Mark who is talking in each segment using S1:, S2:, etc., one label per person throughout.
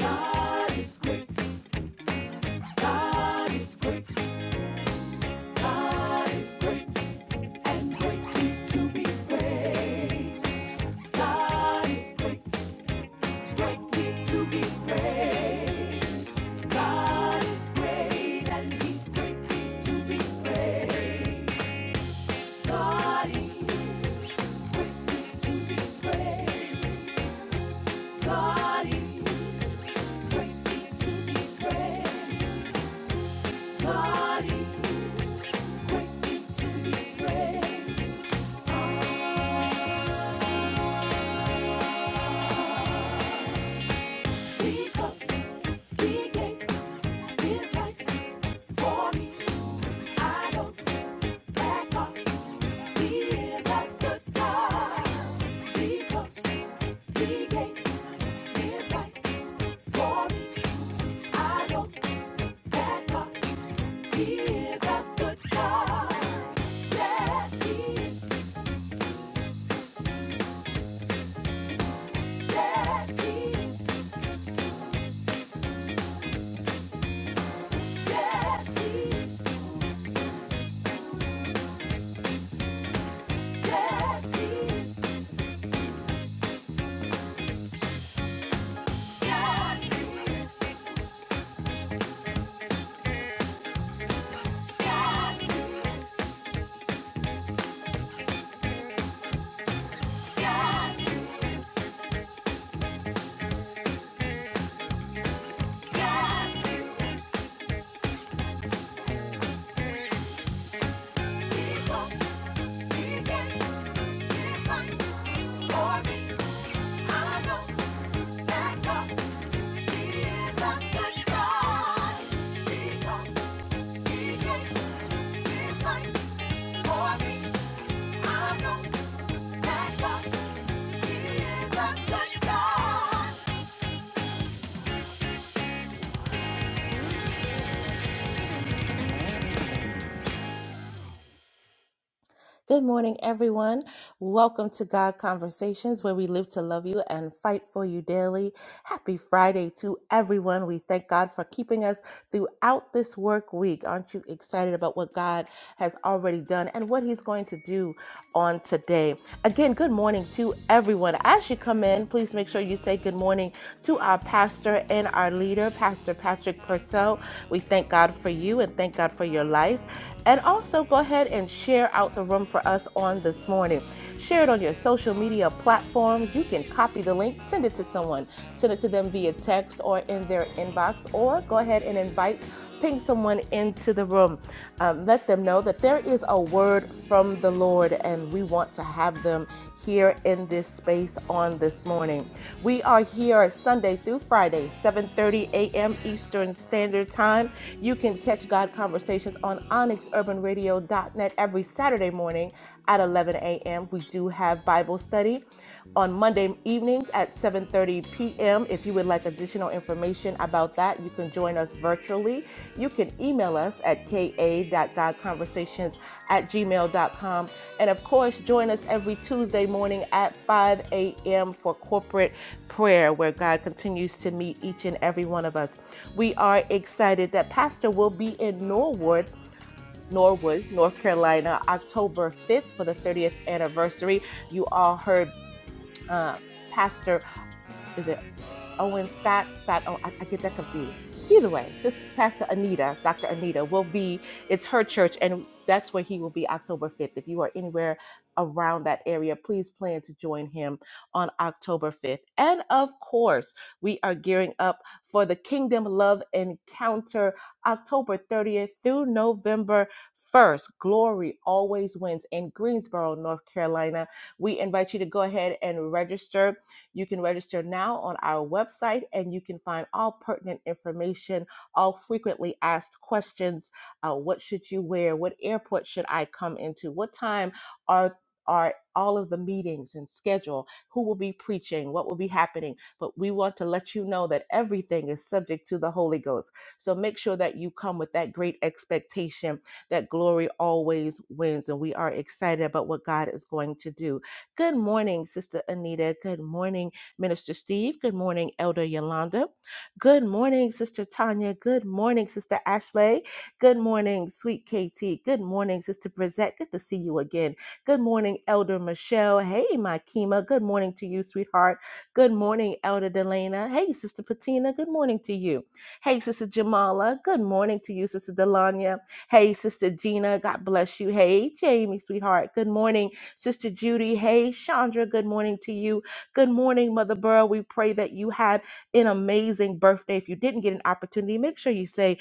S1: God is great. God is great. God is great. And greatly to be praised. God is great. Greatly to be praised. God is great and he's greatly to be praised. God is greatly to be praised. God is greatly to be praised. God is Because he gave his life for me. I don't back He is a good God. Because he gave his life for me. I don't back He is a good God. Yes, he is. Yes, he is. For me, I know that God is a good God.
S2: Good morning, everyone. Welcome to God Conversations, where we live to love you and fight for you daily. Happy Friday to everyone. We thank God for keeping us throughout this work week. Aren't you excited about what God has already done and what He's going to do on today? Again, good morning to everyone. As you come in, please make sure you say good morning to our pastor and our leader, Pastor Patrick Purcell. We thank God for you and thank God for your life. And also go ahead and share out the room for us on this morning. Share it on your social media platforms. You can copy the link, send it to someone, send it to them via text or in their inbox, or go ahead and invite, ping someone into the room. Um, let them know that there is a word from the Lord and we want to have them here in this space on this morning. We are here Sunday through Friday, 7:30 a.m. Eastern Standard Time. You can catch God Conversations on onyxurbanradio.net every Saturday morning at 11 a.m. We do have Bible study on Monday evenings at 7:30 p.m. If you would like additional information about that, you can join us virtually. You can email us at ka.godconversations at gmail.com. And of course, join us every Tuesday morning at 5 a.m. for corporate prayer where God continues to meet each and every one of us. We are excited that Pastor will be in Norwood. Norwood, North Carolina, October 5th for the 30th anniversary. You all heard uh, Pastor is it Owen Scott? Scott, oh, I, I get that confused. Either way, Sister Pastor Anita, Dr. Anita, will be, it's her church, and that's where he will be October 5th. If you are anywhere around that area, please plan to join him on October 5th. And of course, we are gearing up for the Kingdom Love Encounter October 30th through November. First, glory always wins in Greensboro, North Carolina. We invite you to go ahead and register you can register now on our website and you can find all pertinent information, all frequently asked questions. Uh, what should you wear? What airport should I come into? What time are are all of the meetings and schedule who will be preaching what will be happening but we want to let you know that everything is subject to the holy ghost so make sure that you come with that great expectation that glory always wins and we are excited about what god is going to do Good morning, Sister Anita. Good morning, Minister Steve. Good morning, Elder Yolanda. Good morning, Sister Tanya. Good morning, Sister Ashley. Good morning, sweet KT. Good morning, Sister Brizette. Good to see you again. Good morning, Elder Michelle. Hey, my Kima. Good morning to you, sweetheart. Good morning, Elder Delana. Hey, Sister Patina. Good morning to you. Hey, Sister Jamala. Good morning to you, Sister Delanya. Hey, Sister Gina. God bless you. Hey, Jamie, sweetheart. Good morning. Sister Judy. Hey, Chandra, good morning to you. Good morning, Mother Burrow. We pray that you had an amazing birthday. If you didn't get an opportunity, make sure you say,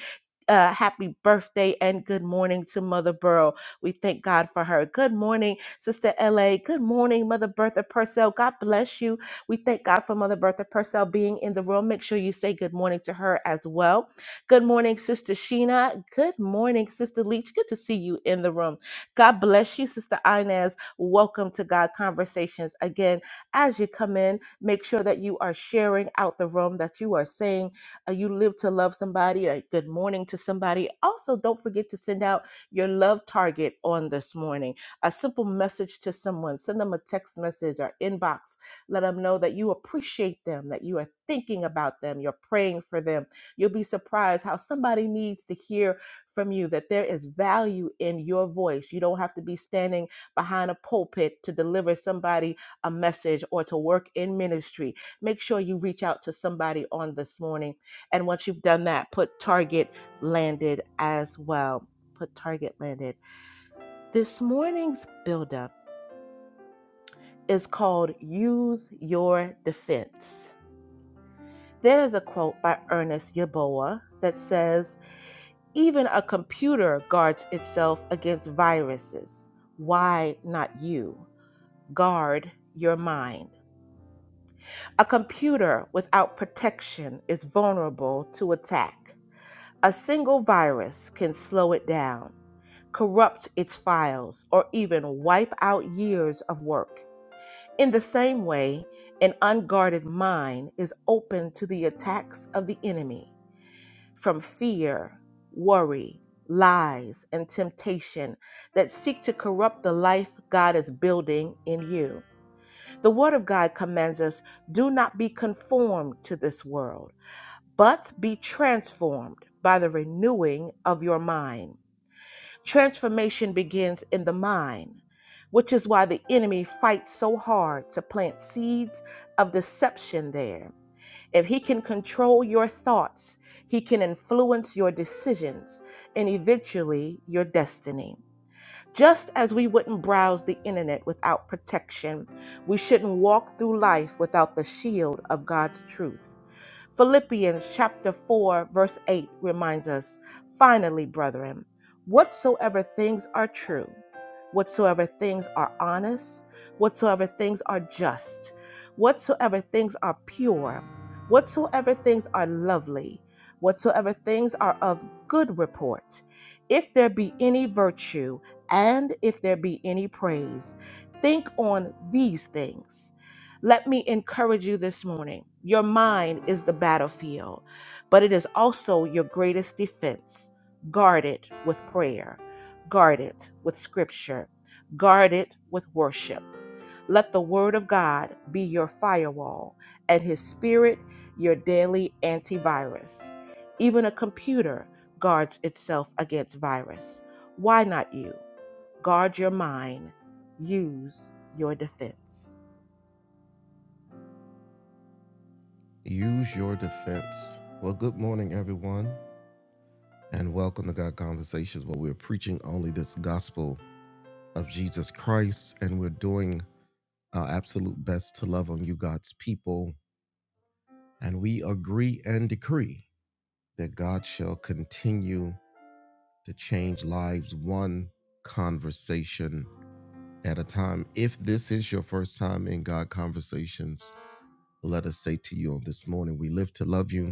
S2: uh, happy birthday and good morning to Mother Burrow. We thank God for her. Good morning, Sister LA. Good morning, Mother Bertha Purcell. God bless you. We thank God for Mother Bertha Purcell being in the room. Make sure you say good morning to her as well. Good morning, Sister Sheena. Good morning, Sister Leach. Good to see you in the room. God bless you, Sister Inez. Welcome to God Conversations. Again, as you come in, make sure that you are sharing out the room, that you are saying uh, you live to love somebody, a good morning to somebody. Also, don't forget to send out your love target on this morning, a simple message to someone. Send them a text message or inbox. Let them know that you appreciate them, that you are thinking about them, you're praying for them. You'll be surprised how somebody needs to hear from you that there is value in your voice. You don't have to be standing behind a pulpit to deliver somebody a message or to work in ministry, make sure you reach out to somebody on this morning. And once you've done that, put target landed as well. Put target landed. This morning's buildup is called Use Your Defense. There is a quote by Ernest Yaboah that says, Even a computer guards itself against viruses. Why not you? Guard your mind. A computer without protection is vulnerable to attack. A single virus can slow it down, corrupt its files, or even wipe out years of work. In the same way, an unguarded mind is open to the attacks of the enemy from fear, worry, lies, and temptation that seek to corrupt the life God is building in you. The Word of God commands us do not be conformed to this world but be transformed by the renewing of your mind. Transformation begins in the mind, which is why the enemy fights so hard to plant seeds of deception there. If he can control your thoughts, he can influence your decisions and eventually your destiny. Just as we wouldn't browse the internet without protection, we shouldn't walk through life without the shield of God's truth. Philippians chapter 4, verse 8 reminds us finally, brethren, whatsoever things are true, whatsoever things are honest, whatsoever things are just, whatsoever things are pure, whatsoever things are lovely, whatsoever things are of good report, if there be any virtue, and if there be any praise, think on these things. Let me encourage you this morning. Your mind is the battlefield, but it is also your greatest defense. Guard it with prayer, guard it with scripture, guard it with worship. Let the word of God be your firewall and his spirit your daily antivirus. Even a computer guards itself against virus. Why not you? Guard your mind, use your defense.
S1: Use your defense. Well, good morning, everyone, and welcome to God Conversations, where we're preaching only this gospel of Jesus Christ, and we're doing our absolute best to love on you, God's people. And we agree and decree that God shall continue to change lives one conversation at a time. If this is your first time in God Conversations, let us say to you on this morning, we live to love you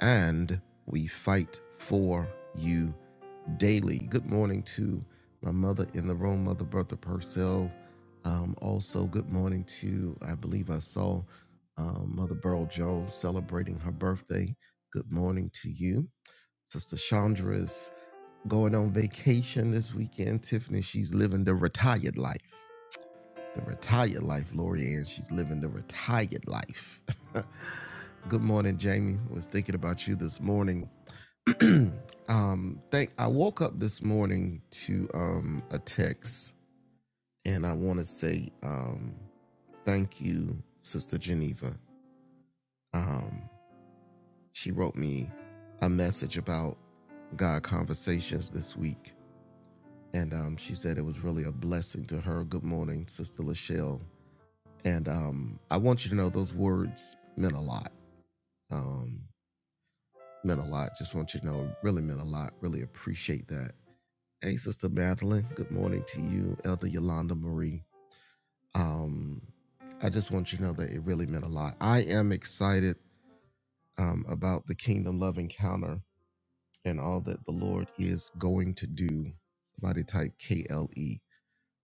S1: and we fight for you daily. Good morning to my mother in the room, Mother Bertha Purcell. Um, also, good morning to, I believe I saw um, Mother Burl Jones celebrating her birthday. Good morning to you. Sister Chandra is going on vacation this weekend. Tiffany, she's living the retired life. The retired life, Lori Ann, she's living the retired life. good morning, Jamie. Was thinking about you this morning um, thank. I woke up this morning to um a text, and I want to say um thank you, Sister Geneva. Um, she wrote me a message about God conversations this week, and um she said it was really a blessing to her. Good morning, Sister Lachelle, and um I want you to know those words meant a lot. Um, meant a lot. Just want you to know, really meant a lot. Really appreciate that. Hey, Sister Madeline. Good morning to you, Elder Yolanda Marie. Um, I just want you to know that it really meant a lot. I am excited um, about the Kingdom Love Encounter and all that the Lord is going to do. Somebody type K L E.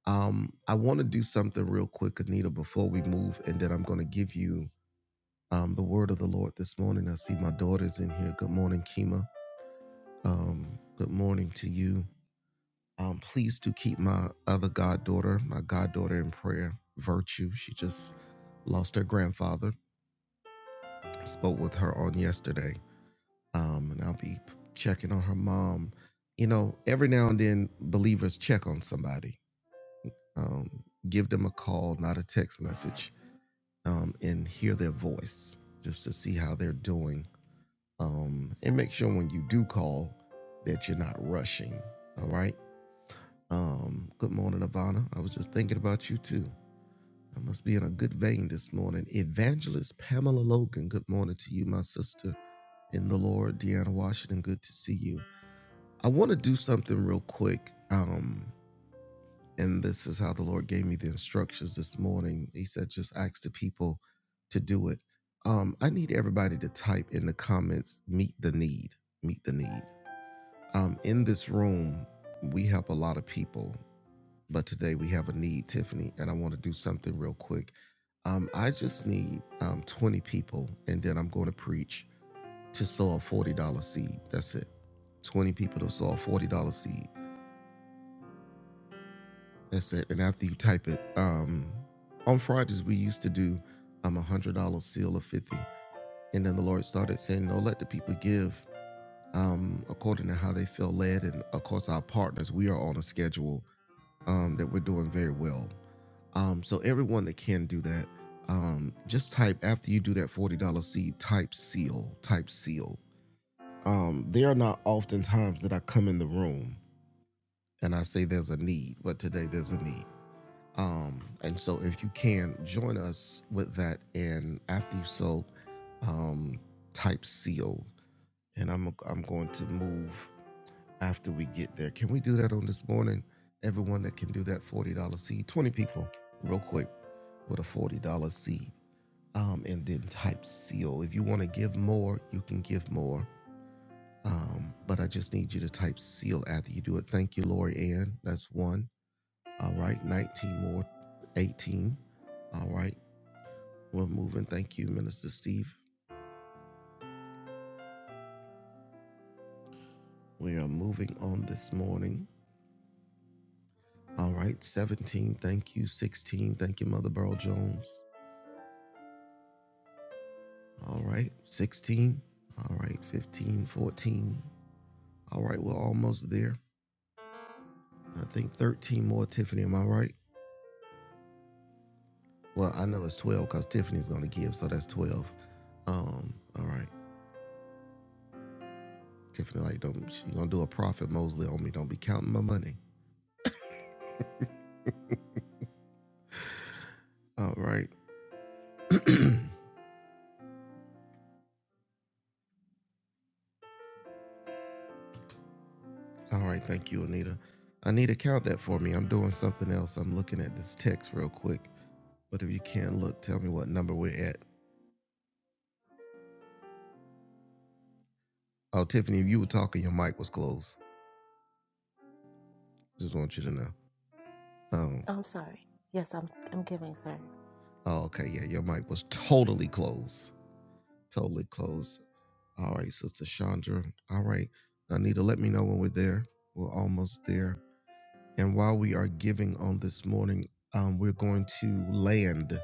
S1: Um, I want to do something real quick, Anita, before we move, and then I'm going to give you um, the word of the Lord this morning. I see my daughter's in here. Good morning, Kima. Um, good morning to you. Um, please do keep my other goddaughter, my goddaughter in prayer, Virtue. She just lost her grandfather. Spoke with her on yesterday. Um, and I'll be checking on her mom. You know, every now and then, believers check on somebody, um, give them a call, not a text message, um, and hear their voice just to see how they're doing. Um, and make sure when you do call that you're not rushing. All right. Um, good morning, Ivana. I was just thinking about you too. I must be in a good vein this morning. Evangelist Pamela Logan, good morning to you, my sister in the Lord. Deanna Washington, good to see you. I want to do something real quick. Um, and this is how the Lord gave me the instructions this morning. He said, just ask the people to do it. Um, I need everybody to type in the comments, meet the need, meet the need. Um, in this room, we help a lot of people but today we have a need, Tiffany, and I want to do something real quick. Um, I just need um, 20 people, and then I'm going to preach to sow a $40 seed. That's it. 20 people to sow a $40 seed. That's it. And after you type it, um, on Fridays, we used to do um, a $100 seal of 50. And then the Lord started saying, No, let the people give um, according to how they feel led. And of course, our partners, we are on a schedule um, that we're doing very well. Um, so everyone that can do that, um, just type after you do that forty dollar seed, type seal, type seal. Um, there are not often times that I come in the room and I say there's a need, but today there's a need. Um, and so if you can join us with that, and after you so, um, type seal, and I'm I'm going to move after we get there. Can we do that on this morning? Everyone that can do that $40 seed, 20 people, real quick, with a $40 seed. Um, and then type seal. If you want to give more, you can give more. Um, but I just need you to type seal after you do it. Thank you, Lori Ann. That's one. All right. 19 more, 18. All right. We're moving. Thank you, Minister Steve. We are moving on this morning. All right. 17. Thank you. 16. Thank you, Mother Burl Jones. All right, 16. All right, right, All right, we're almost there. I think 13 more, Tiffany. Am I right? Well, I know it's 12 because Tiffany's going to give, so that's 12. Um, all right. Tiffany, like, don't, she going to do a profit Mosley on me. Don't be counting my money. All right. All right. Thank you, Anita. Anita, count that for me. I'm doing something else. I'm looking at this text real quick. But if you can, look, tell me what number we're at. Oh, Tiffany, if you were talking, your mic was closed. Just want you to know. Um,
S2: I'm sorry. Yes, I'm I'm giving, sir.
S1: Oh, okay. Yeah, your mic was totally closed. Totally closed. All right, Sister Chandra. All right. Anita, let me know when we're there. We're almost there. And while we are giving on this morning, um, we're going to land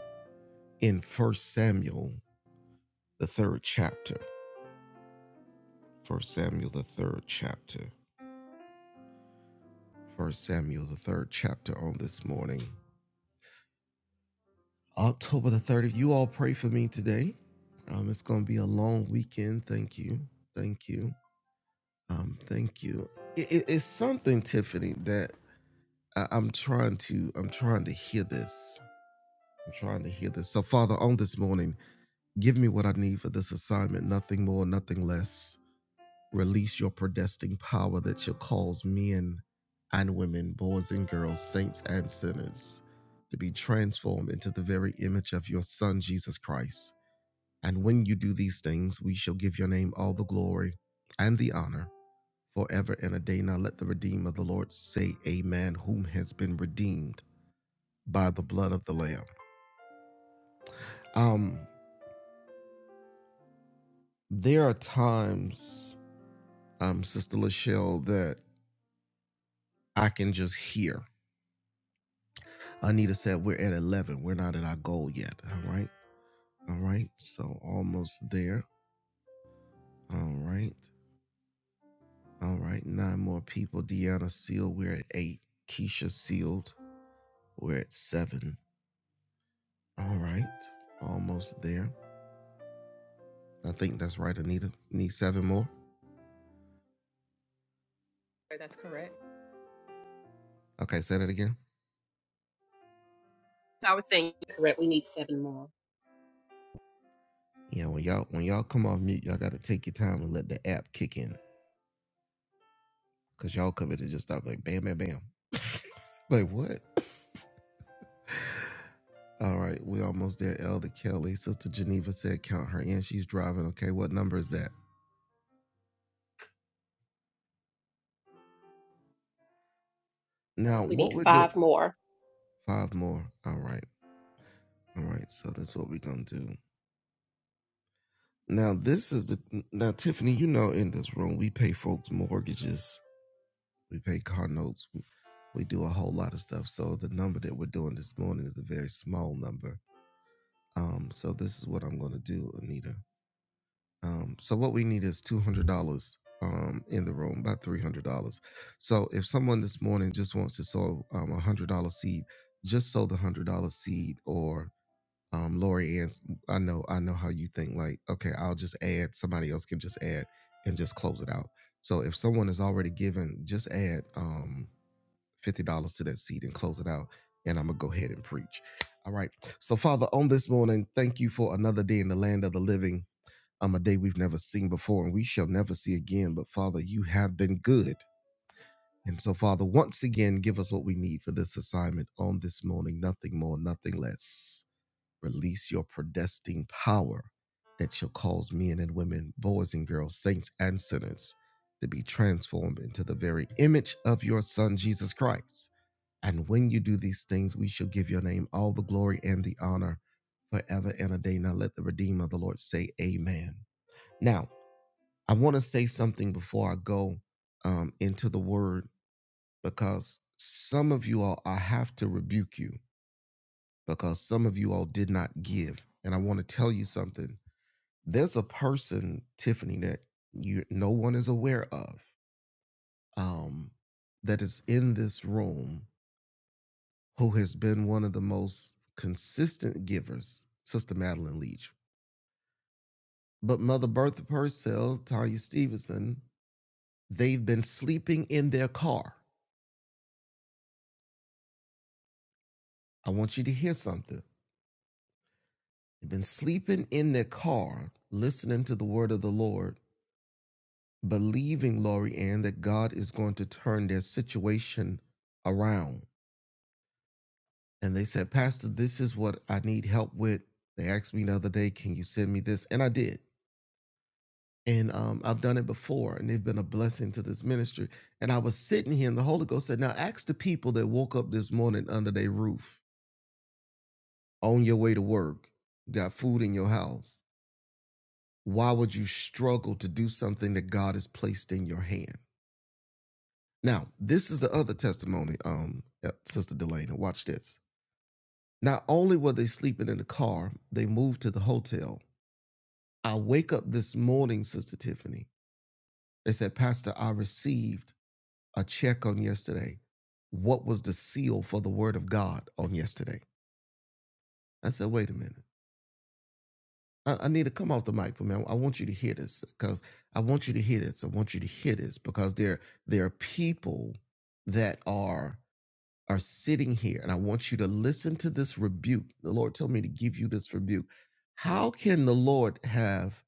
S1: in First Samuel, the third chapter. First Samuel, the third chapter. First Samuel, the third chapter on this morning. October the 30th. You all pray for me today. Um, it's going to be a long weekend. Thank you. Thank you. Um, thank you. It, it- it's something, Tiffany, that I, I'm trying to. I'm trying to hear this. I'm trying to hear this. So, Father, on this morning, give me what I need for this assignment. Nothing more, nothing less. Release your predestined power that shall cause men and women, boys and girls, saints and sinners, to be transformed into the very image of your Son, Jesus Christ. And when you do these things, we shall give your name all the glory and the honor forever and a day. Now let the redeemed of the Lord say, Amen, whom has been redeemed by the blood of the Lamb. Um, there are times, um, Sister Lachelle, that I can just hear. Anita said, We're at 11. We're not at our goal yet. All right. All right. So almost there. All right. All right. Nine more people. Deanna sealed. We're at eight. Keisha sealed. We're at seven. All right. Almost there. I think that's right, Anita. Need seven more.
S3: That's correct.
S1: Okay, say that again.
S3: So I was saying, correct. We need seven more.
S1: Yeah, when y'all when y'all come off mute, y'all gotta take your time and let the app kick in. Cause y'all covered to just stop like bam bam bam. like what? All right, we almost there. Elder Kelly. Sister Geneva said count her in. She's driving. Okay, what number is that?
S3: Uh,
S1: Now
S3: we need
S1: what we're doing
S3: five more.
S1: five more. All right. All right. So that's what we're gonna do. Now this is the now Tiffany, you know in this room we pay folks mortgages We pay car notes. We, we do a whole lot of stuff. So the number that we're doing this morning is a very small number. Um, so this is what I'm going to do, Anita. Um, so what we need is two hundred dollars um, in the room, about three hundred dollars. So if someone this morning just wants to sow um, a one hundred dollar seed, just sow the one hundred dollar seed. Or um, Lori Ann's, I know, I know how you think. Like, okay, I'll just add. Somebody else can just add and just close it out. So if someone is already given, just add. Um, $50 to that seed and close it out. And I'm going to go ahead and preach. All right. So, Father, on this morning, thank you for another day in the land of the living. Um, a day we've never seen before and we shall never see again. But Father, you have been good. And so, Father, once again, give us what we need for this assignment on this morning. Nothing more, nothing less. Release your predestined power that shall cause men and women, boys and girls, saints and sinners to be transformed into the very image of your Son, Jesus Christ. And when you do these things, we shall give your name all the glory and the honor forever and a day. Now let the Redeemer of the Lord say, Amen. Now, I want to say something before I go um, into the word because some of you all, I have to rebuke you because some of you all did not give. And I want to tell you something. There's a person, Tiffany, that you no one is aware of, um, that is in this room who has been one of the most consistent givers, Sister Madeline Leach. But Mother Bertha Purcell, Tanya Stevenson, they've been sleeping in their car. I want you to hear something. They've been sleeping in their car, listening to the word of the Lord, believing, Laurie Ann, that God is going to turn their situation around. And they said, Pastor, this is what I need help with. They asked me the other day, can you send me this? And I did. And um, I've done it before, and they've been a blessing to this ministry. And I was sitting here, and the Holy Ghost said, Now ask the people that woke up this morning under their roof on your way to work, got food in your house. why would you struggle to do something that God has placed in your hand? Now, this is the other testimony, um, uh, Sister Delana. Watch this. Not only were they sleeping in the car, they moved to the hotel. I wake up this morning, Sister Tiffany. They said, Pastor, I received a check on yesterday. What was the seal for the word of God on yesterday? I said, wait a minute. I, I need to come off the mic for me. I, I want you to hear this because I want you to hear this. I want you to hear this because there there are people that are are sitting here, and I want you to listen to this rebuke. The Lord told me to give you this rebuke. How can the Lord have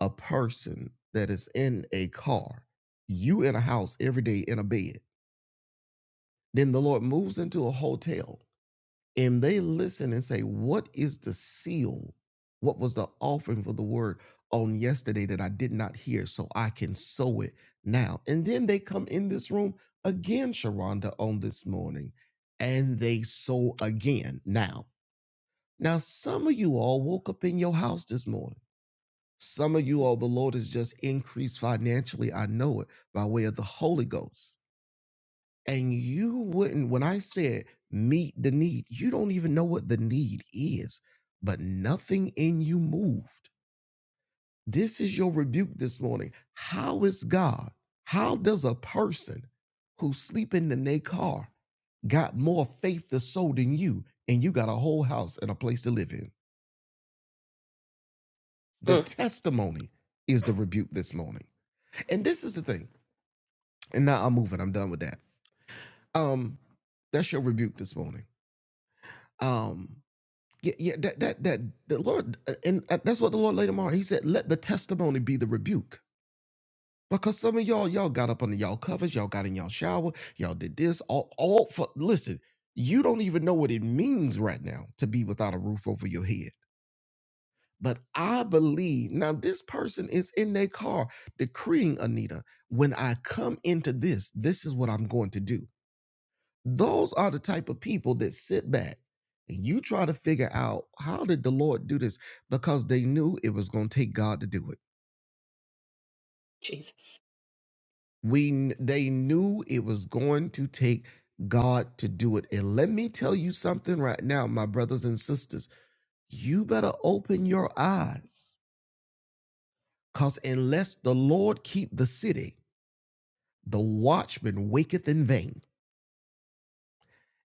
S1: a person that is in a car, you in a house every day in a bed, then the Lord moves into a hotel and they listen and say, What is the seal? What was the offering for the word on yesterday that I did not hear? So I can sow it now. And then they come in this room again, Sharonda, on this morning, and they sow again now. Now, some of you all woke up in your house this morning. Some of you all, the Lord has just increased financially. I know it by way of the Holy Ghost. And you wouldn't, when I said meet the need, you don't even know what the need is, but nothing in you moved. This is your rebuke this morning. How is God, how does a person who sleep in the car got more faith to sow than you, and you got a whole house and a place to live in? The
S3: Mm,
S1: testimony is the rebuke this morning. And this is the thing. And now I'm moving. I'm done with that. Um, that's your rebuke this morning. Um, Yeah, yeah, that that that the Lord, uh, and uh, that's what the Lord laid him on. He said, "Let the testimony be the rebuke." Because some of y'all, y'all got up under y'all covers, y'all got in y'all shower, y'all did this, all, all for. Listen, you don't even know what it means right now to be without a roof over your head. But I believe now this person is in their car decreeing, Anita, when I come into this, this is what I'm going to do. Those are the type of people that sit back and you try to figure out how did the Lord do this because they knew it was going to take God to do it.
S3: Jesus.
S1: We they knew it was going to take God to do it. And let me tell you something right now, my brothers and sisters, you better open your eyes cuz unless the Lord keep the city, the watchman waketh in vain.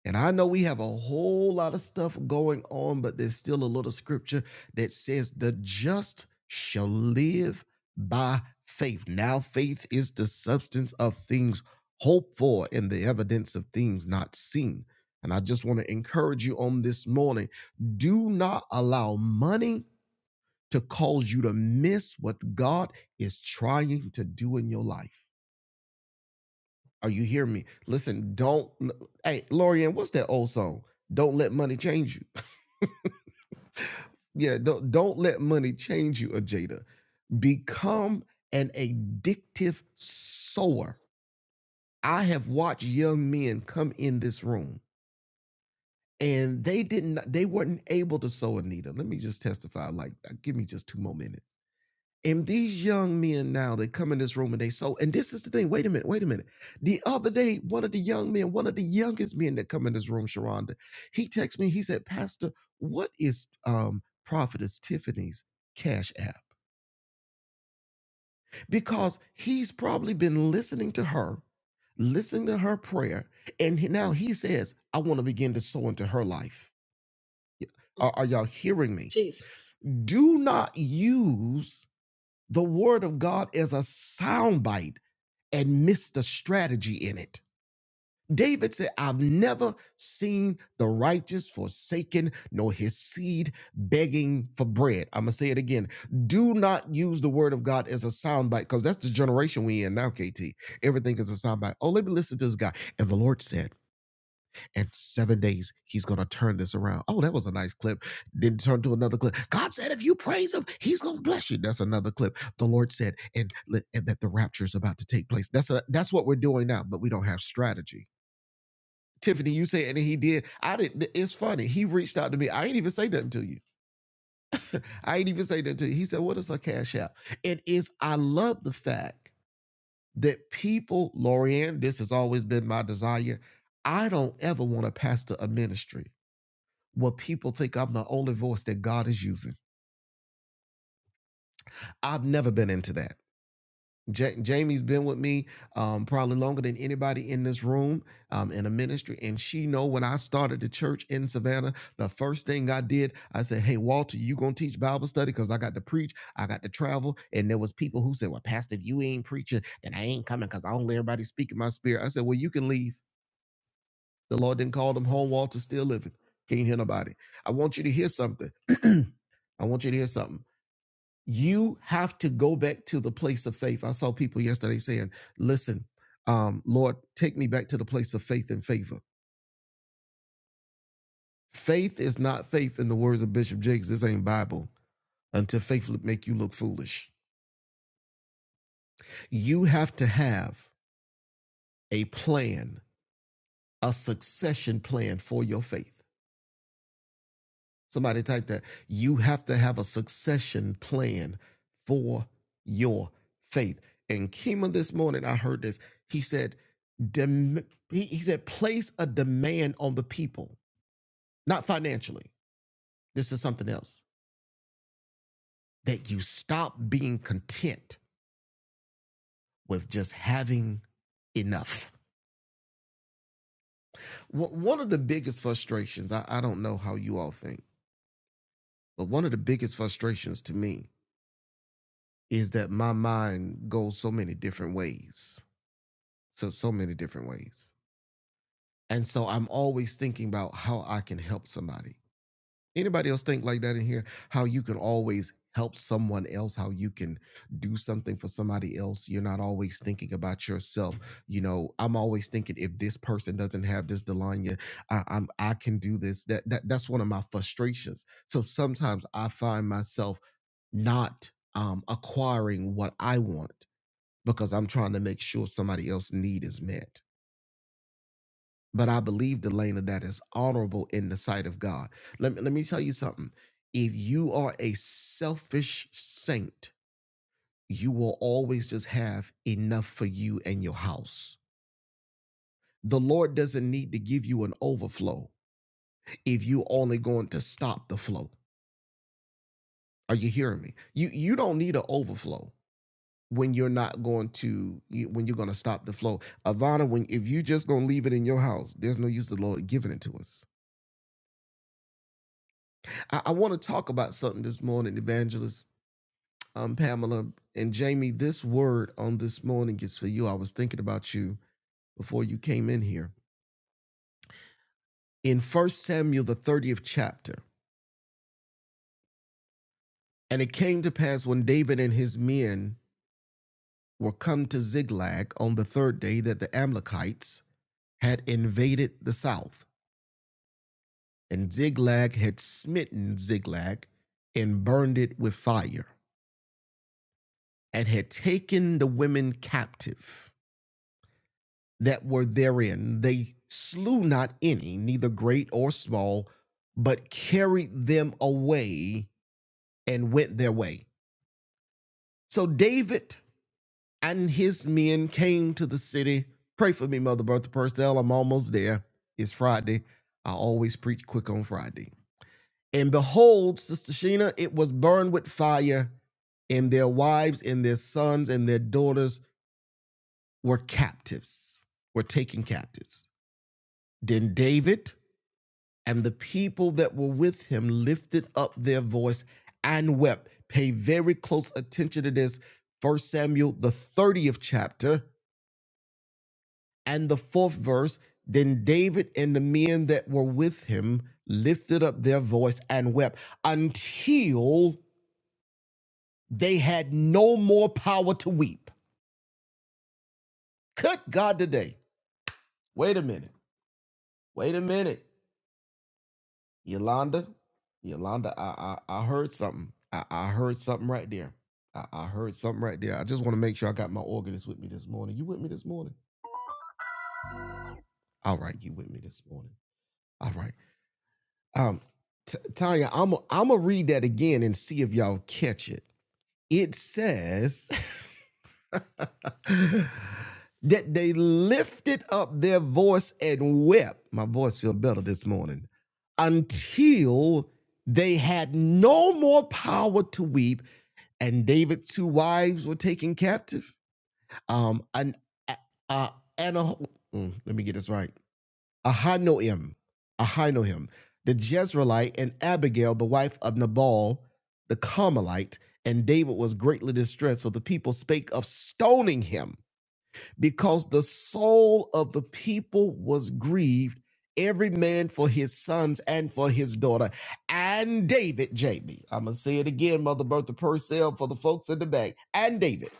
S1: And I know we have a whole lot of stuff going on, but there's still a little scripture that says, The just shall live by faith. Now, faith is the substance of things hoped for and the evidence of things not seen. And I just want to encourage you on this morning do not allow money to cause you to miss what God is trying to do in your life. Are you hear me? Listen, don't hey Lorian, what's that old song? Don't let money change you. Yeah, don't don't let money change you, Ajada. Become an addictive sower. I have watched young men come in this room and they didn't they weren't able to sow a needle. Let me just testify like uh, give me just two more minutes And these young men now, they come in this room and they so, and this is the thing. Wait a minute, wait a minute. The other day, one of the young men, one of the youngest men that come in this room, Sharonda, he texted me, he said, Pastor, what is um Prophetess Tiffany's cash app? Because he's probably been listening to her, listening to her prayer, and he- now he says, I want to begin to sow into her life.
S3: Mm,
S1: Are, are y'all hearing me?
S3: Jesus.
S1: Do not use the word of God as a soundbite and missed the strategy in it. David said, I've never seen the righteous forsaken, nor his seed begging for bread. I'm going to say it again. Do not use the word of God as a soundbite, because that's the generation we in now, KT. Everything is a soundbite. Oh, let me listen to this guy. And the Lord said, in seven days, he's going to turn this around. Oh, that was a nice clip. Then turn to another clip. God said, if you praise him, he's going to bless you. That's another clip. The Lord said, and, and that the rapture is about to take place. That's a, that's what we're doing now, but we don't have strategy. Tiffany, you say, and he did. I didn't. It's funny. He reached out to me. I ain't even say nothing to you. I ain't even say nothing to you. He said, what is a cash out? It is, I love the fact that people, Lorianne, this has always been my desire. I don't ever want to pastor a ministry where people think I'm the only voice that God is using. I've never been into that. Ja- Jamie's been with me um, probably longer than anybody in this room um, in a ministry, and she know when I started the church in Savannah, the first thing I did, I said, "Hey Walter, you gonna teach Bible study? Cause I got to preach, I got to travel." And there was people who said, "Well, Pastor, if you ain't preaching, then I ain't coming, cause I don't let everybody speak in my spirit." I said, "Well, you can leave. The Lord didn't call them home. Walter still living. Can't hear nobody. I want you to hear something." I want you to hear something. you have to go back to the place of faith. I saw people yesterday saying, listen, um, Lord, take me back to the place of faith and favor. Faith is not faith in the words of Bishop Jakes. This ain't Bible until faith make you look foolish. You have to have a plan, a succession plan for your faith. Somebody type that. You have to have a succession plan for your faith. And Kima this morning, I heard this. He said, dem- he, he said, place a demand on the people, not financially. This is something else. That you stop being content with just having enough. Wh- One of the biggest frustrations, I, I don't know how you all think, but one of the biggest frustrations to me is that my mind goes so many different ways so so many different ways. And so I'm always thinking about how I can help somebody. Anybody else think like that in here? How you can always help someone else, how you can do something for somebody else. You're not always thinking about yourself. You know, I'm always thinking if this person doesn't have this Delanya, I, I'm I can do this. That, that that's one of my frustrations. So sometimes I find myself not um acquiring what I want because I'm trying to make sure somebody else's need is met. But I believe, Delana, that is honorable in the sight of God. Let me, let me tell you something. If you are a selfish saint, you will always just have enough for you and your house. The Lord doesn't need to give you an overflow if you only going to stop the flow. Are you hearing me? You you don't need an overflow when you're not going to when you're going to stop the flow. Ivana, when if you just gonna leave it in your house, there's no use the Lord giving it to us I, I want to talk about something this morning, Evangelist um, Pamela and Jamie. This word on this morning is for you. I was thinking about you before you came in here. In First Samuel, the 30th chapter, and it came to pass when David and his men were come to Ziklag on the third day that the Amalekites had invaded the south, and Ziklag had smitten Ziklag, and burned it with fire, and had taken the women captive that were therein. They slew not any, neither great or small, but carried them away and went their way. So David and his men came to the city. Pray for me, Mother Bertha Purcell. I'm almost there. It's Friday. I always preach quick on Friday. And behold, Sister Sheena, it was burned with fire, and their wives and their sons and their daughters were captives, were taken captives. Then David And the people that were with him lifted up their voice and wept. Pay very close attention to this. First Samuel, the 30th chapter, and the fourth verse. Then David and the men that were with him lifted up their voice and wept until they had no more power to weep. Good God today. Wait a minute. Wait a minute. Yolanda, Yolanda, I I, I heard something. I, I heard something right there. I, I heard something right there. I just want to make sure I got my organist with me this morning. You with me this morning? All right, you with me this morning. All right. Um, T- Tanya, I'm i I'm gonna read that again and see if y'all catch it. It says that they lifted up their voice and wept. My voice feel better this morning until they had no more power to weep and David's two wives were taken captive. Um, and uh, uh, and a, mm, let me get this right. Ahinoam, Ahinoam, the Jezreelite, and Abigail, the wife of Nabal, the Carmelite, and David was greatly distressed, so the people spake of stoning him because the soul of the people was grieved, every man for his sons and for his daughter. And David, Jamie. I'm going to say it again, Mother Bertha Purcell, for the folks in the back. And David.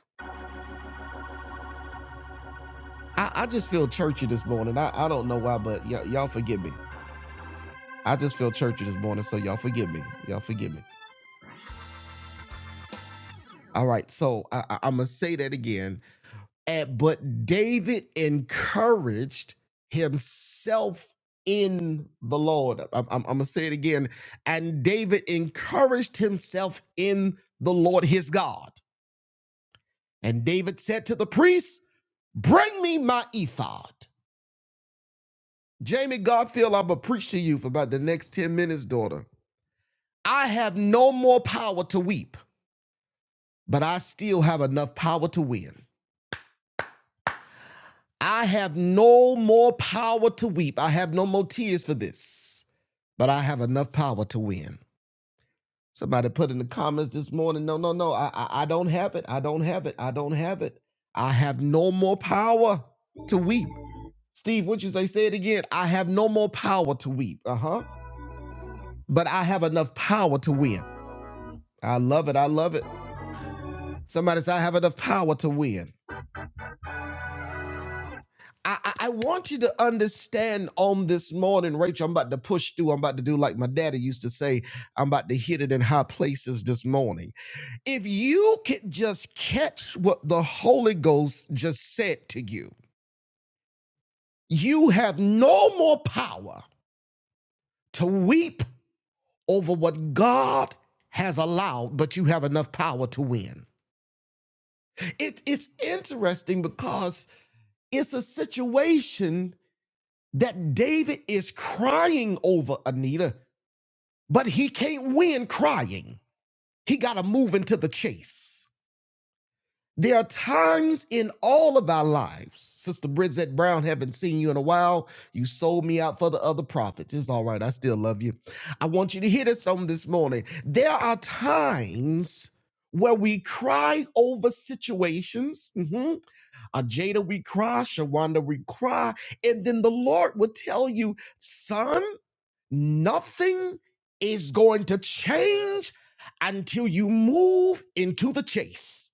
S1: I, I just feel churchy this morning. I, I don't know why, but y- y'all forgive me. I just feel churchy this morning, so y'all forgive me. Y'all forgive me. All right, so I, I, I'm going to say that again. And, but David encouraged himself in the Lord. I'm, I'm going to say it again. And David encouraged himself in the Lord his God. And David said to the priest, Bring me my ephod. Jamie Garfield, I'm going to preach to you for about the next 10 minutes, daughter. I have no more power to weep, but I still have enough power to win. I have no more power to weep. I have no more tears for this, but I have enough power to win. Somebody put in the comments this morning, no, no, no, I, I, I don't have it. I don't have it. I don't have it. I have no more power to weep. Steve, what you say? Say it again. I have no more power to weep. Uh huh. But I have enough power to win. I love it. I love it. Somebody say, I have enough power to win. I, I I want you to understand on this morning, Rachel. I'm about to push through. I'm about to do like my daddy used to say. I'm about to hit it in high places this morning. If you could just catch what the Holy Ghost just said to you, you have no more power to weep over what God has allowed, but you have enough power to win. It, it's interesting because it's a situation that David is crying over, Anita. but he can't win crying. He got to move into the chase. There are times in all of our lives, Sister Bridget Brown, haven't seen you in a while. You sold me out for the other prophets. It's all right. I still love you. I want you to hear this on this morning. There are times where we cry over situations. Mhm. Ajada, we cry. Shawanda, we cry. And then the Lord will tell you, son, Nothing is going to change until you move into the chase.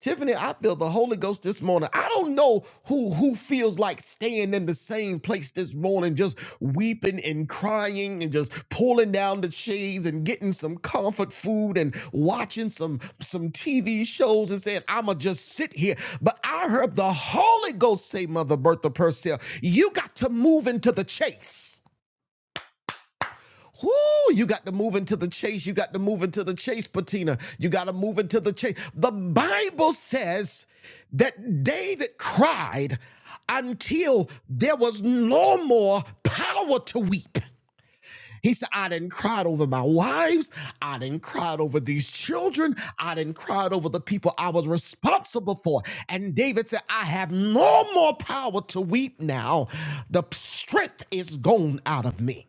S1: Tiffany, I feel the Holy Ghost this morning. I don't know who who feels like staying in the same place this morning, just weeping and crying and just pulling down the shades and getting some comfort food and watching some some TV shows and saying, I'ma just sit here. But I heard the Holy Ghost say, Mother Bertha Purcell, you got to move into the chase. Whoo, you got to move into the chase. You got to move into the chase, Patina. You got to move into the chase. The Bible says that David cried until there was no more power to weep. He said, I didn't cry over my wives. I didn't cry over these children. I didn't cry over the people I was responsible for. And David said, I have no more power to weep now. The strength is gone out of me.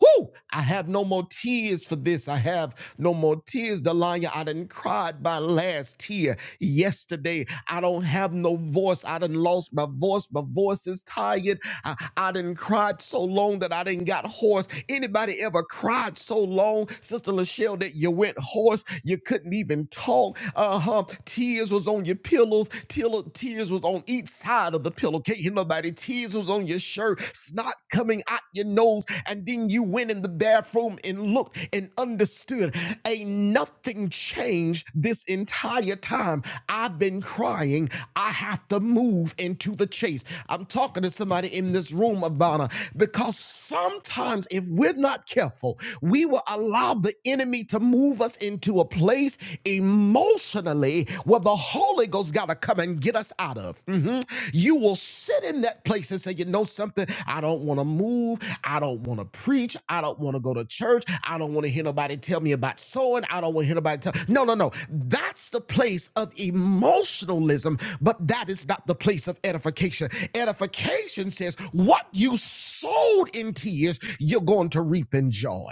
S1: Whoo! I have no more tears for this. I have no more tears, Delanya. I done cried my last tear yesterday. I don't have no voice. I done lost my voice. My voice is tired. I, I done cried so long that I didn't got hoarse. Anybody ever cried so long, Sister Lachelle, that you went hoarse? You couldn't even talk. Uh huh. Tears was on your pillows. Till, tears was on each side of the pillow can't hear nobody. Tears was on your shirt, snot coming out your nose, and then you went in the bathroom and looked and understood. Ain't nothing changed this entire time. I've been crying. I have to move into the chase. I'm talking to somebody in this room, Ivana, because sometimes if we're not careful, we will allow the enemy to move us into a place emotionally emotionally where the Holy Ghost got to come and get us out of. Mhm. You will sit in that place and say, you know something, I don't want to move. I don't want to preach. I don't want to go to church. I don't want to hear nobody tell me about sowing. I don't want to hear nobody tell. No, no, no. That's the place of emotionalism, but that is not the place of edification. Edification says, what you sowed in tears, you're going to reap in joy.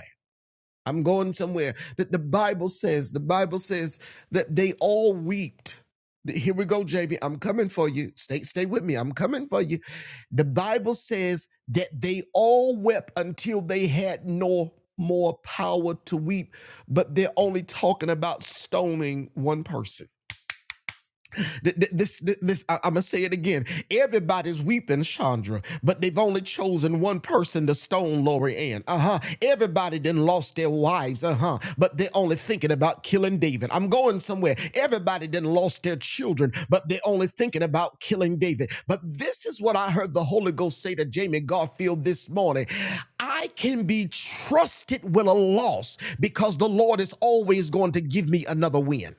S1: I'm going somewhere. That the Bible says, the Bible says that they all wept. Here we go, JB. I'm coming for you. Stay, stay with me. I'm coming for you. The Bible says that they all wept until they had no more power to weep, but they're only talking about stoning one person. Th- This, this, I- I'm gonna say it again. Everybody's weeping, Chandra, but they've only chosen one person to stone Lori Ann. Uh huh. Everybody then lost their wives. Uh huh. But they're only thinking about killing David. I'm going somewhere. Everybody then lost their children, but they're only thinking about killing David. But this is what I heard the Holy Ghost say to Jamie Garfield this morning. I can be trusted with a loss because the Lord is always going to give me another win.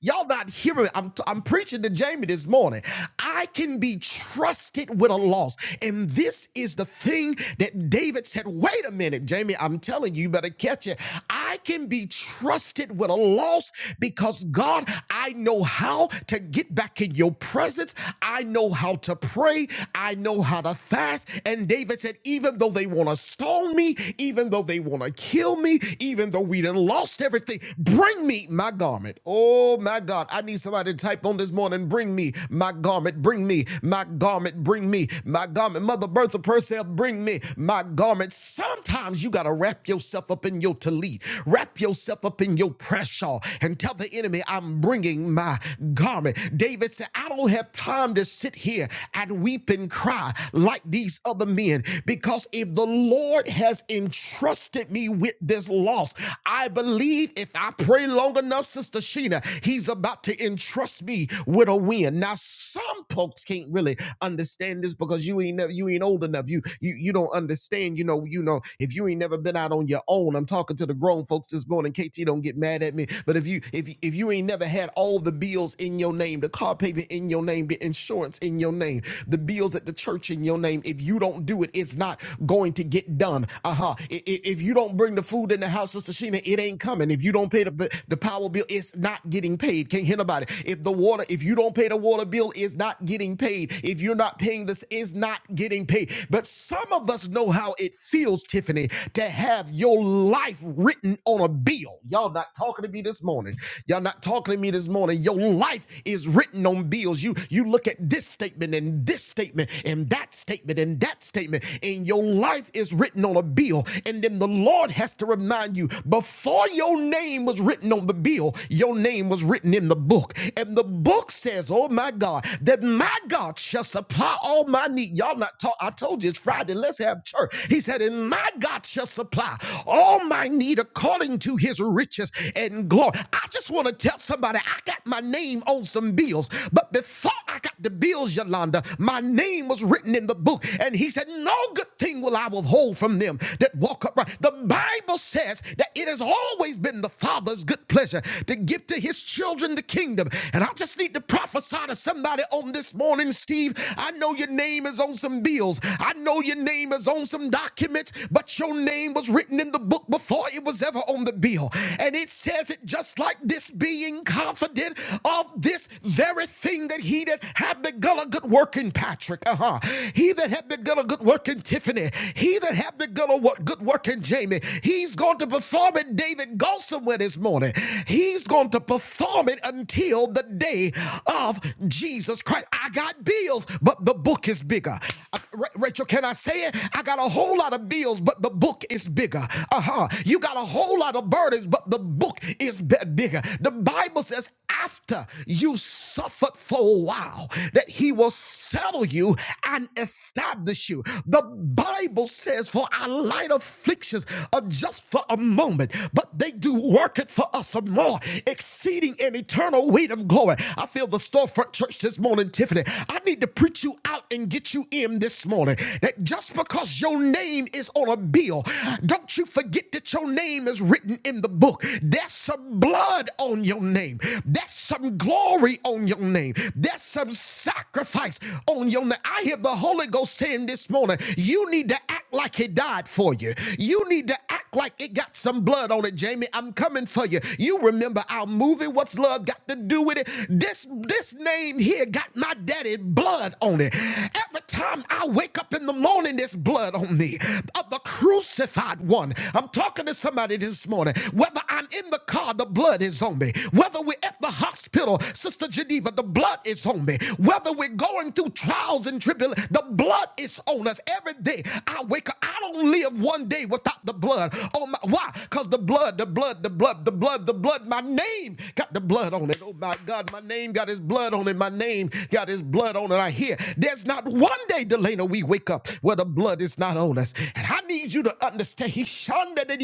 S1: Y'all not hearing me. I'm, I'm preaching to Jamie this morning. I can be trusted with a loss. And this is the thing that David said, wait a minute, Jamie, I'm telling you, you better catch it. I can be trusted with a loss because God, I know how to get back in your presence. I know how to pray. I know how to fast. And David said, even though they want to stone me, even though they want to kill me, even though we done lost everything, bring me need my garment. Oh my God, I need somebody to type on this morning. Bring me my garment. Bring me my garment. Bring me my garment. Mother Bertha Purcell, bring me my garment. Sometimes you gotta wrap yourself up in your tallit, wrap yourself up in your press shawl, and tell the enemy, "I'm bringing my garment." David said, "I don't have time to sit here and weep and cry like these other men, because if the Lord has entrusted me with this loss, I believe." believe if I pray long enough, Sister Sheena, he's about to entrust me with a win. Now, some folks can't really understand this because you ain't never, you ain't old enough. You you you don't understand. You know you know if you ain't never been out on your own. I'm talking to the grown folks this morning. KT, don't get mad at me. But if you if if you ain't never had all the bills in your name, the car payment in your name, the insurance in your name, the bills at the church in your name, if you don't do it, it's not going to get done. Uh huh. If you don't bring the food told in the house of Sheena, it ain't coming. If you don't pay the, the power bill, it's not getting paid. Can't hear nobody. If the water, if you don't pay the water bill, it's not getting paid. If you're not paying this, it's not getting paid. But some of us know how it feels, Tiffany, to have your life written on a bill. Y'all not talking to me this morning. Y'all not talking to me this morning. Your life is written on bills. You you look at this statement and this statement and that statement and that statement, and your life is written on a bill. And then the Lord has to remind you before your name was written on the bill, your name was written in the book. And the book says, Oh my God, that my God shall supply all my need. Y'all not talk. I told you it's Friday. Let's have church. He said, And my God shall supply all my need according to his riches and glory. I just want to tell somebody I got my name on some bills, but before I got the bills, Yolanda, my name was written in the book. And he said, No good thing will I will." will hold from them that walk upright. The Bible says that it has always been the Father's good pleasure to give to his children the kingdom. And I just need to prophesy to somebody on this morning, Steve. I know your name is on some bills, I know your name is on some documents, but your name was written in the book before it was ever on the bill. And it says it just like this being confident of this very thing that he that had begun a good work in Patrick. Uh huh. He that had begun a begun a good work in Tiffany, he that hath begun a wo- good work in Jamie, he's going to perform it, David, go somewhere this morning. He's going to perform it until the day of Jesus Christ. I got bills, but the book is bigger. Uh, Rachel, can I say it? I got a whole lot of bills, but the book is bigger. Uh huh. You got a whole lot of burdens, but the book is bi- bigger. The Bible says, after you suffered for a while, that he will settle you and establish you. The Bible says, For our light afflictions are just for a moment, but they do work it for us a more exceeding an eternal weight of glory. I feel the storefront church this morning, Tiffany. I need to preach you out and get you in this morning that just because your name is on a bill, don't you forget that your name is written in the book. There's some blood on your name, there's some glory on your name, there's some sacrifice sacrifice on your neck. I hear the Holy Ghost saying this morning, you need to act like it died for you. You need to act like it got some blood on it, Jamie. I'm coming for you. You remember our movie, What's Love Got to Do with It? This, this name here got my daddy blood on it. Every time I wake up in the morning, there's blood on me of the crucified one. I'm talking to somebody this morning. Whether I'm in the car, the blood is on me. Whether we're at the hospital, Sister Geneva, the blood blood is on me. Whether we're going through trials and tribulations, the blood is on us every day. I wake up. I don't live one day without the blood on my. Why? Because the blood, the blood, the blood, the blood, the blood. My name got the blood on it. Oh my God, my name got his blood on it. My name got his blood on it. I hear there's not one day, Delana, we wake up where the blood is not on us. And I need you to understand. He shunned it in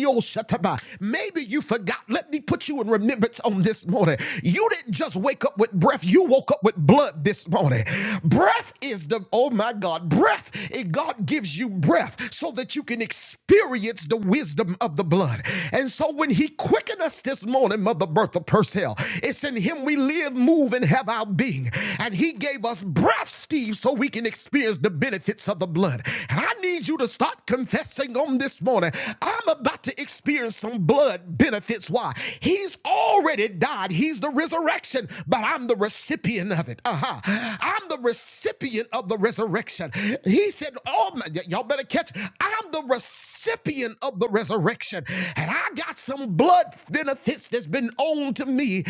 S1: Maybe you forgot. Let me put you in remembrance on this morning. You didn't just wake up with breath. You woke up with blood this morning. Breath is the, oh my God, breath. It, God gives you breath so that you can experience the wisdom of the blood. And so when He quickened us this morning, Mother Bertha Purcell, it's in Him we live, move, and have our being. And He gave us breath, Steve, so we can experience the benefits of the blood. And I need you to start confessing on this morning. I'm about to experience some blood benefits. Why? He's already died God. He's the resurrection, but I'm the recipient of it. Uh-huh. I'm the recipient of the resurrection. He said, Oh, my, y- y'all better catch. I'm the recipient of the resurrection. And I got some blood benefits that's been on to me.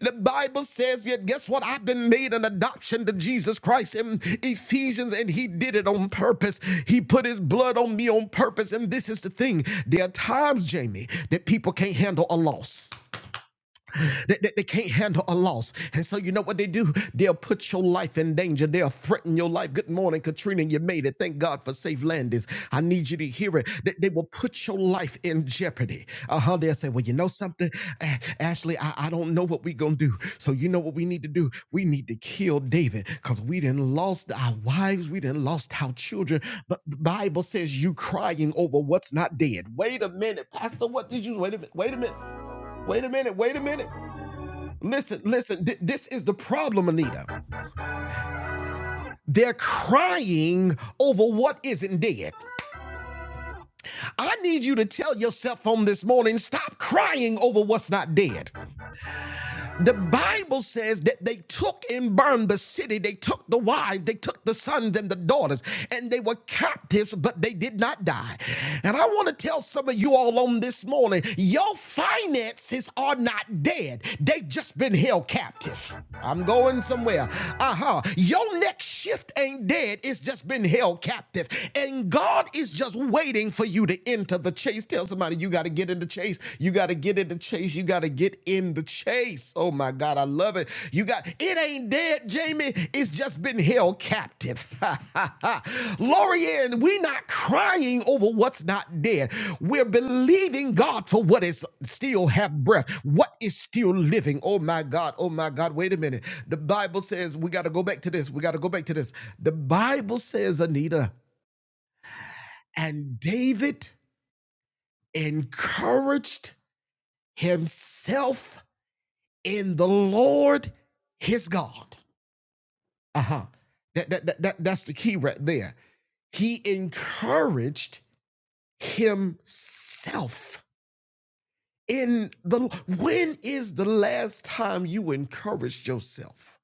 S1: The Bible says, yet guess what? I've been made an adoption to Jesus Christ in Ephesians, and he did it on purpose. He put his blood on me on purpose. And this is the thing. There are times, Jamie, that people can't handle a loss. They, they, they can't handle a loss. And so you know what they do? They'll put your life in danger. They'll threaten your life. Good morning, Katrina. You made it. Thank God for safe landings. I need you to hear it. They, they will put your life in jeopardy. Uh-huh. They'll say, well, you know something? A- Ashley, I, I don't know what we're going to do. So you know what we need to do? We need to kill David because we didn't lost our wives. We didn't lost our children. But the Bible says you crying over what's not dead. Wait a minute, Pastor. What did you, wait a minute, wait a minute, wait a minute, wait a minute. Listen, listen, th- this is the problem, Anita. They're crying over what isn't dead. I need you to tell yourself on this morning stop crying over what's not dead. The Bible says that they took and burned the city. They took the wives, they took the sons and the daughters, and they were captives, but they did not die. And I want to tell some of you all on this morning your finances are not dead, they just been held captive. I'm going somewhere. Uh huh. Your next shift ain't ain't dead, it's just been held captive. And God is just waiting for you to enter the chase. Tell somebody you got to get in the chase. You got to get in the chase. You got to get in the chase. Oh my God, I love it. You got it ain't dead, Jamie. It's just been held captive. Lori we're not crying over what's not dead. We're believing God for what is still have breath, what is still living. Oh my God, oh my God. Wait a minute. The Bible says we got to go back to this. We got to go back to this. The Bible says, Anita, and David encouraged himself in the Lord his God. Uh huh. That, that, that, that- that's the key right there. He encouraged himself in the. When is the last time you encouraged yourself?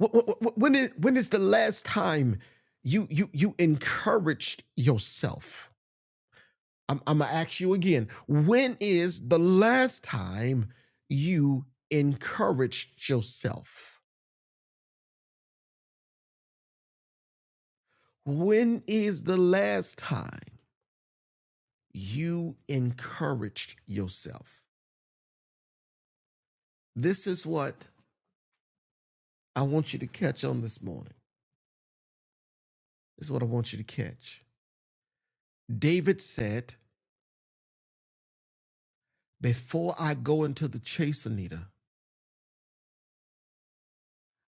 S1: Wh- When is, when is the last time you, you, you encouraged yourself? I'm, I'm gonna ask you again. When is the last time you encouraged yourself? When is the last time you encouraged yourself? This is what I want you to catch on this morning. This is what I want you to catch. David said, Before I go into the chase, Anita,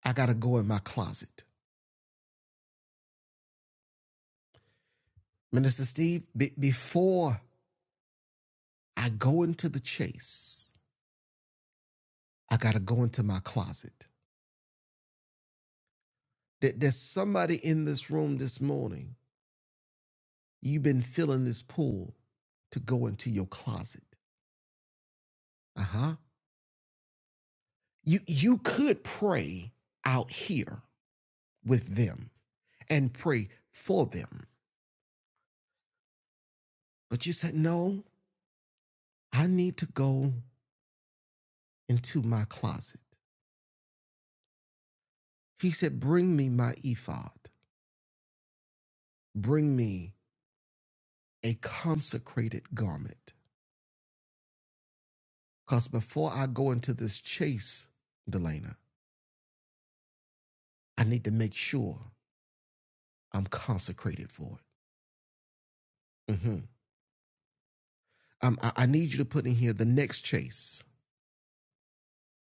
S1: I gotta go in my closet. Minister Steve, be- before I go into the chase, I gotta go into my closet. that there's somebody in this room this morning. You've been feeling this pull to go into your closet. Uh-huh. You you could pray out here with them and pray for them. But you said, "No, I need to go into my closet." He said, "Bring me my ephod. Bring me a consecrated garment." Cuz before I go into this chase, Delana, I need to make sure I'm consecrated for it. hmm Um, I, I need you to put in here the next chase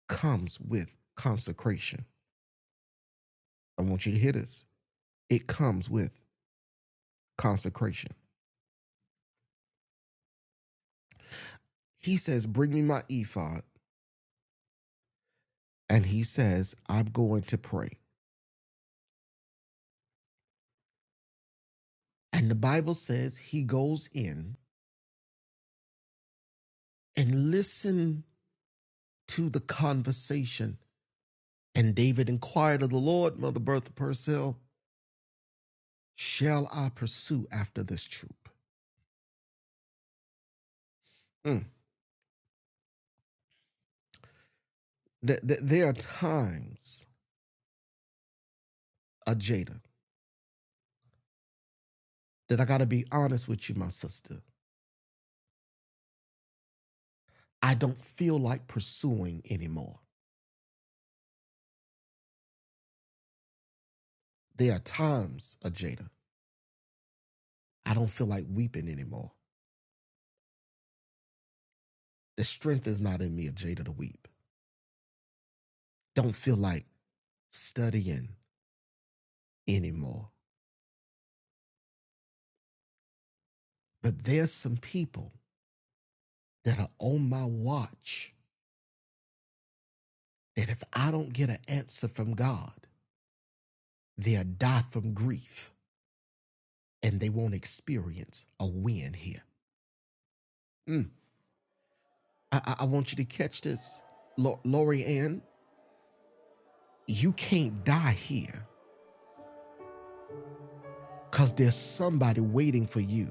S1: comes with consecration. I want you to hear this. It comes with consecration. He says, Bring me my ephod. And he says, I'm going to pray. And the Bible says he goes in and listen to the conversation. And David inquired of the Lord, Mother Bertha Purcell, Shall I pursue after this troop? Mm. Th- th- there are times, Ajada, that I got to be honest with you, my sister. I don't feel like pursuing anymore. There are times, Ajada, I don't feel like weeping anymore. The strength is not in me, Ajada, to weep. Don't feel like studying anymore. But there's some people that are on my watch that if I don't get an answer from God, they'll die from grief and they won't experience a win here. Mm. I, I, I want you to catch this. Lau- Lori Ann, You can't die here because there's somebody waiting for you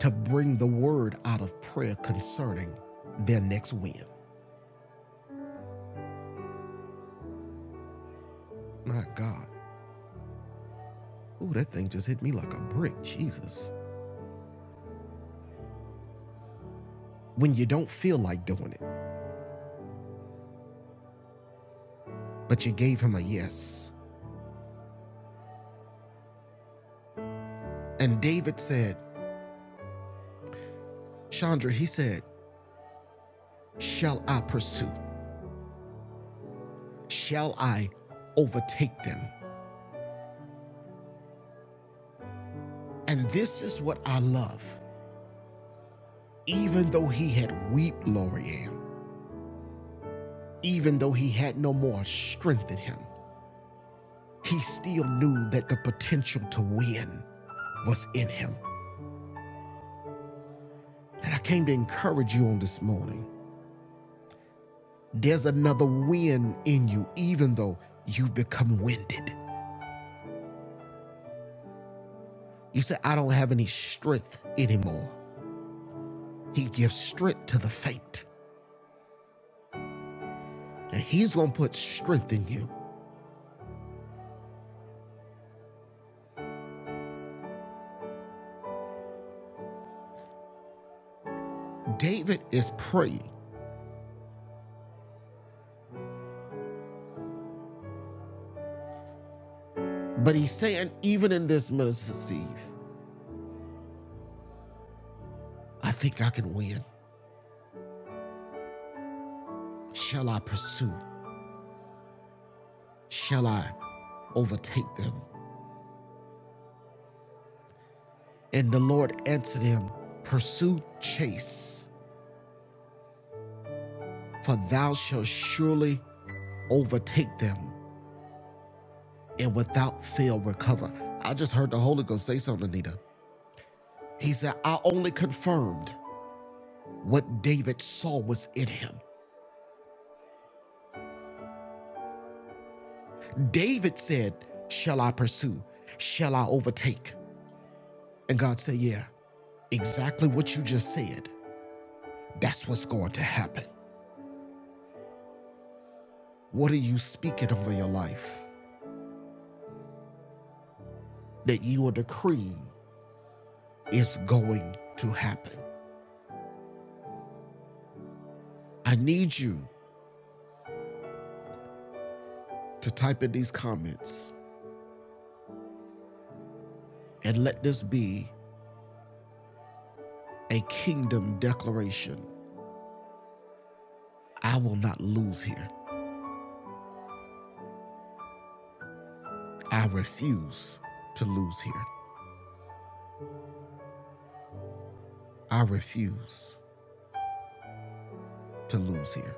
S1: to bring the word out of prayer concerning their next win. My God. Ooh, that thing just hit me like a brick. Jesus. When you don't feel like doing it, but you gave him a yes. And David said, Chandra, he said, Shall I pursue? Shall I overtake them? And this is what I love. Even though he had wept, Lorianne, Even though he had no more strength in him, he still knew that the potential to win was in him. And I came to encourage you on this morning. There's another win in you, even though you've become winded. You say, I don't have any strength anymore. He gives strength to the faint, and he's going to put strength in you. David is praying, but he's saying, even in this, Minister Steve, I think I can win. Shall I pursue? shall I overtake them? And the Lord answered him, Pursue chase, for thou shalt surely overtake them and without fail recover. I just heard the Holy Ghost say something, Anita. He said, I only confirmed what David saw was in him. David said, Shall I pursue? Shall I overtake? And God said, Yeah, exactly what you just said. That's what's going to happen. What are you speaking over your life? that you decree is going to happen. I need you to type in these comments and let this be a kingdom declaration. I will not lose here. I refuse to lose here. I refuse to lose here.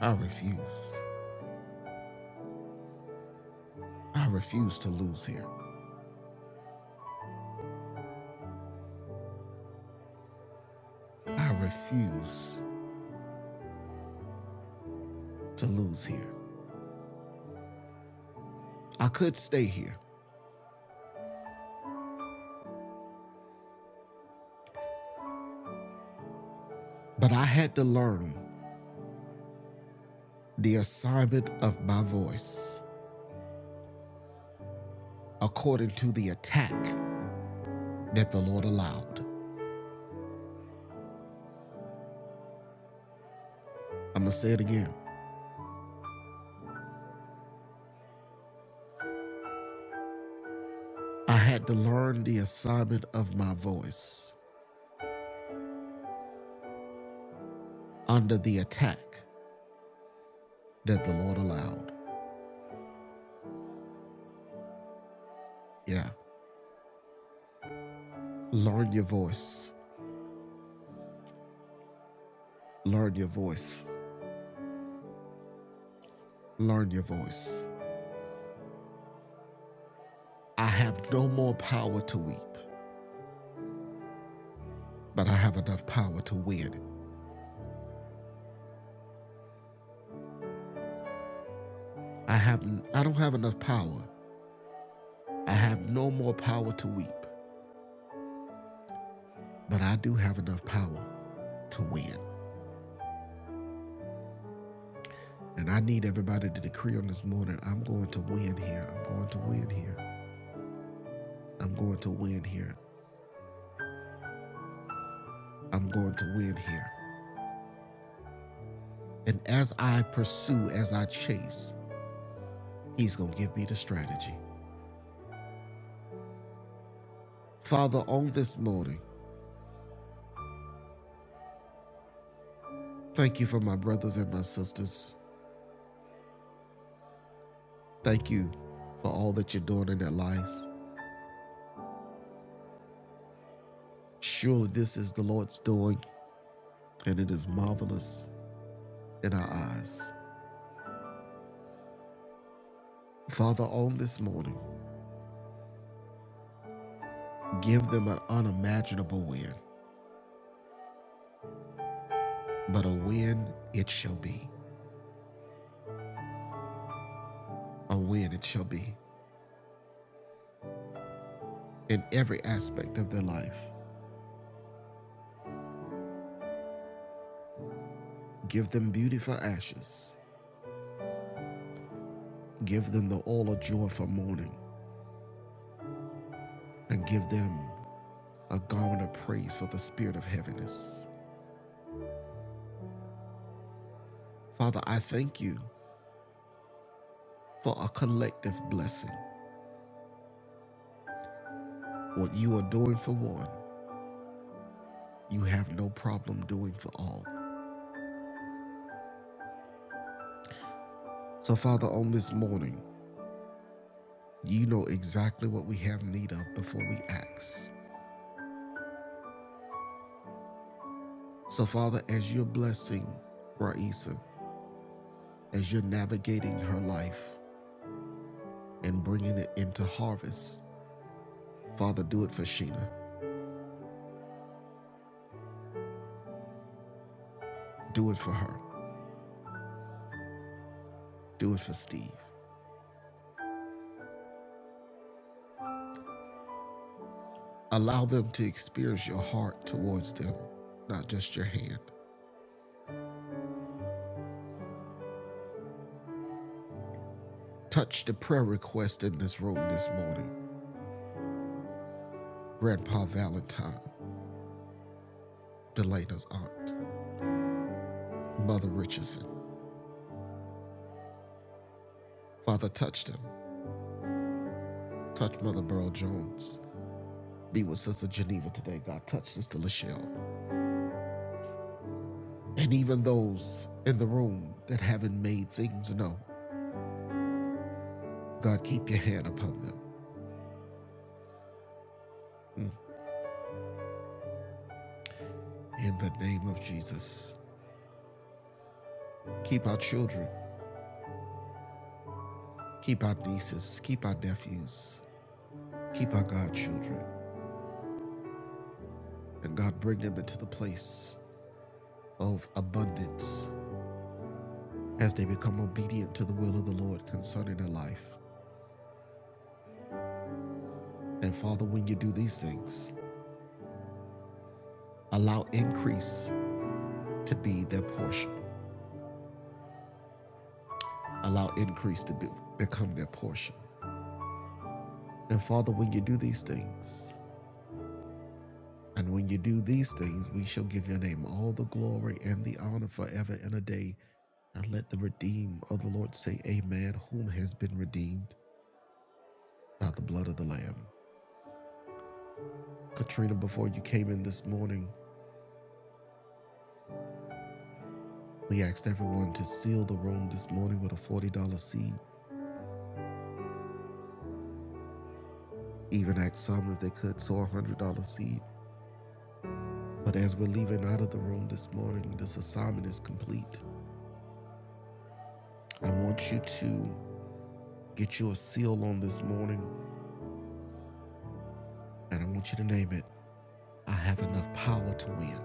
S1: I refuse. I refuse to lose here. I refuse to lose here. I could stay here, but I had to learn the assignment of my voice according to the attack that the Lord allowed. I'm going to say it again. I had to learn the assignment of my voice under the attack that the Lord allowed. Yeah. Learn your voice. Learn your voice. Learn your voice. I have no more power to weep, but I have enough power to win. I have I don't have enough power. I have no more power to weep, but I do have enough power to win. And I need everybody to decree on this morning I'm going to win here. I'm going to win here. I'm going to win here. I'm going to win here. And as I pursue, as I chase, He's going to give me the strategy. Father, on this morning, thank you for my brothers and my sisters. Thank you for all that you're doing in their lives. Surely this is the Lord's doing, and it is marvelous in our eyes. Father, on this morning, give them an unimaginable win. but a win it shall be. A win it shall be in every aspect of their life. Give them beauty for ashes, give them the oil of joy for mourning, and give them a garment of praise for the spirit of heaviness. Father, I thank you for a collective blessing. What you are doing for one, you have no problem doing for all. So, Father, on this morning, you know exactly what we have need of before we ask. So, Father, as you're blessing Raisa, as you're navigating her life and bringing it into harvest, Father, do it for Sheena. Do it for her. Do it for Steve. Allow them to experience your heart towards them, not just your hand. Touch the prayer request in this room this morning. Grandpa Valentine, Delana's aunt, Mother Richardson. Father, touch them. Touch Mother Burl Jones. Be with Sister Geneva today, God. Touch Sister Lachelle. and even those in the room that haven't made things known. God, keep your hand upon them in the name of Jesus. Keep our children, keep our nieces, keep our nephews, keep our godchildren, and God, bring them into the place of abundance as they become obedient to the will of the Lord concerning their life. And Father, when you do these things, allow increase to be their portion. Allow increase to be, become their portion. And Father, when you do these things, And when you do these things, we shall give your name all the glory and the honor forever and a day. And let the redeemed of the Lord say, Amen, whom has been redeemed by the blood of the Lamb. Katrina, before you came in this morning, we asked everyone to seal the room this morning with a $40 seed. Even asked some if they could sow a $100 seed. But as we're leaving out of the room this morning, this assignment is complete. I want you to get you a seal on this morning, and I want you to name it. I have enough power to win.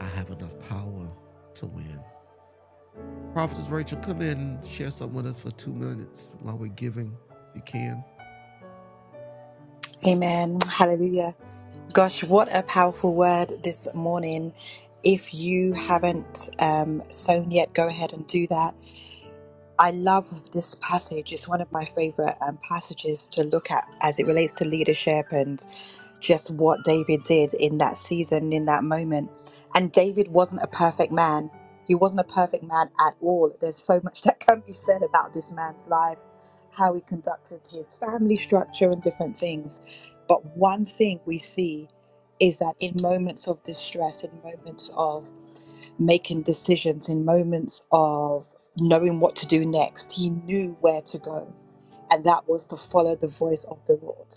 S1: I have enough power to win. Prophetess Rachel, come in and share some with us for two minutes while we're giving, if you can.
S4: Amen. Hallelujah. Gosh, what a powerful word this morning. If you haven't um, sown yet, go ahead and do that. I love this passage. It's one of my favorite um, passages to look at as it relates to leadership. and just what David did in that season, in that moment. And David wasn't a perfect man. He wasn't a perfect man at all. There's so much that can be said about this man's life, how he conducted his family structure and different things. But one thing we see is that in moments of distress, in moments of making decisions, in moments of knowing what to do next, he knew where to go and that was to follow the voice of the Lord.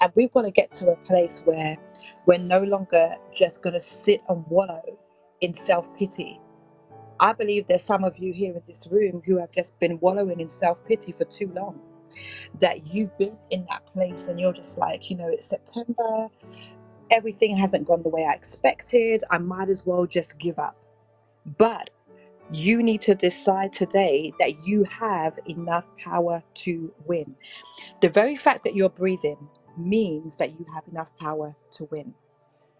S4: And we've got to get to a place where we're no longer just going to sit and wallow in self pity. I believe there's some of you here in this room who have just been wallowing in self pity for too long, that you've been in that place and you're just like, you know, it's September, everything hasn't gone the way I expected, I might as well just give up. But you need to decide today that you have enough power to win the very fact that you're breathing means that you have enough power to win.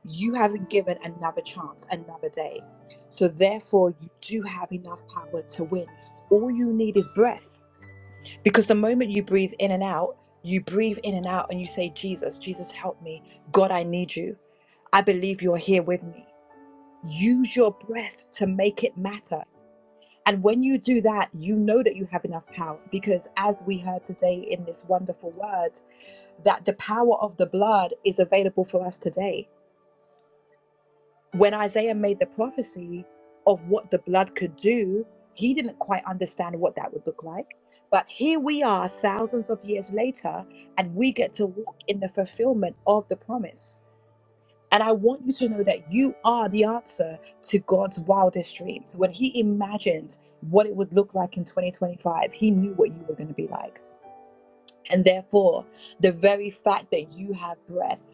S4: You have been given another chance, another day. So, therefore, you do have enough power to win. All you need is breath because the moment you breathe in and out, you breathe in and out and you say, Jesus, Jesus, help me. God, I need you. I believe you're here with me. Use your breath to make it matter. And when you do that, you know that you have enough power because, as we heard today in this wonderful word, that the power of the blood is available for us today. When Isaiah made the prophecy of what the blood could do, he didn't quite understand what that would look like. But here we are, thousands of years later, and we get to walk in the fulfillment of the promise. And I want you to know that you are the answer to God's wildest dreams. When he imagined what it would look like in 2025, he knew what you were going to be like. And therefore, the very fact that you have breath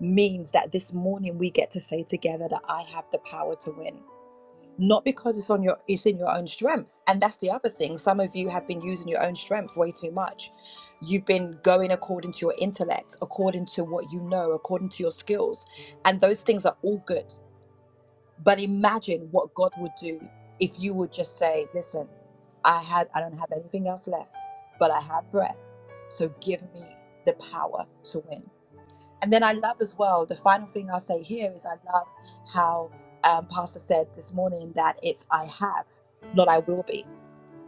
S4: means that this morning we get to say together that I have the power to win. Not because it's on your it's in your own strength. And that's the other thing. Some of you have been using your own strength way too much. You've been going according to your intellect, according to what you know, according to your skills. And those things are all good. But imagine what God would do if you would just say, listen, I had I don't have anything else left, but I have breath. So give me the power to win and then I love as well, the final thing I'll say here is I love how um, Pastor said this morning that it's I have, not I will be.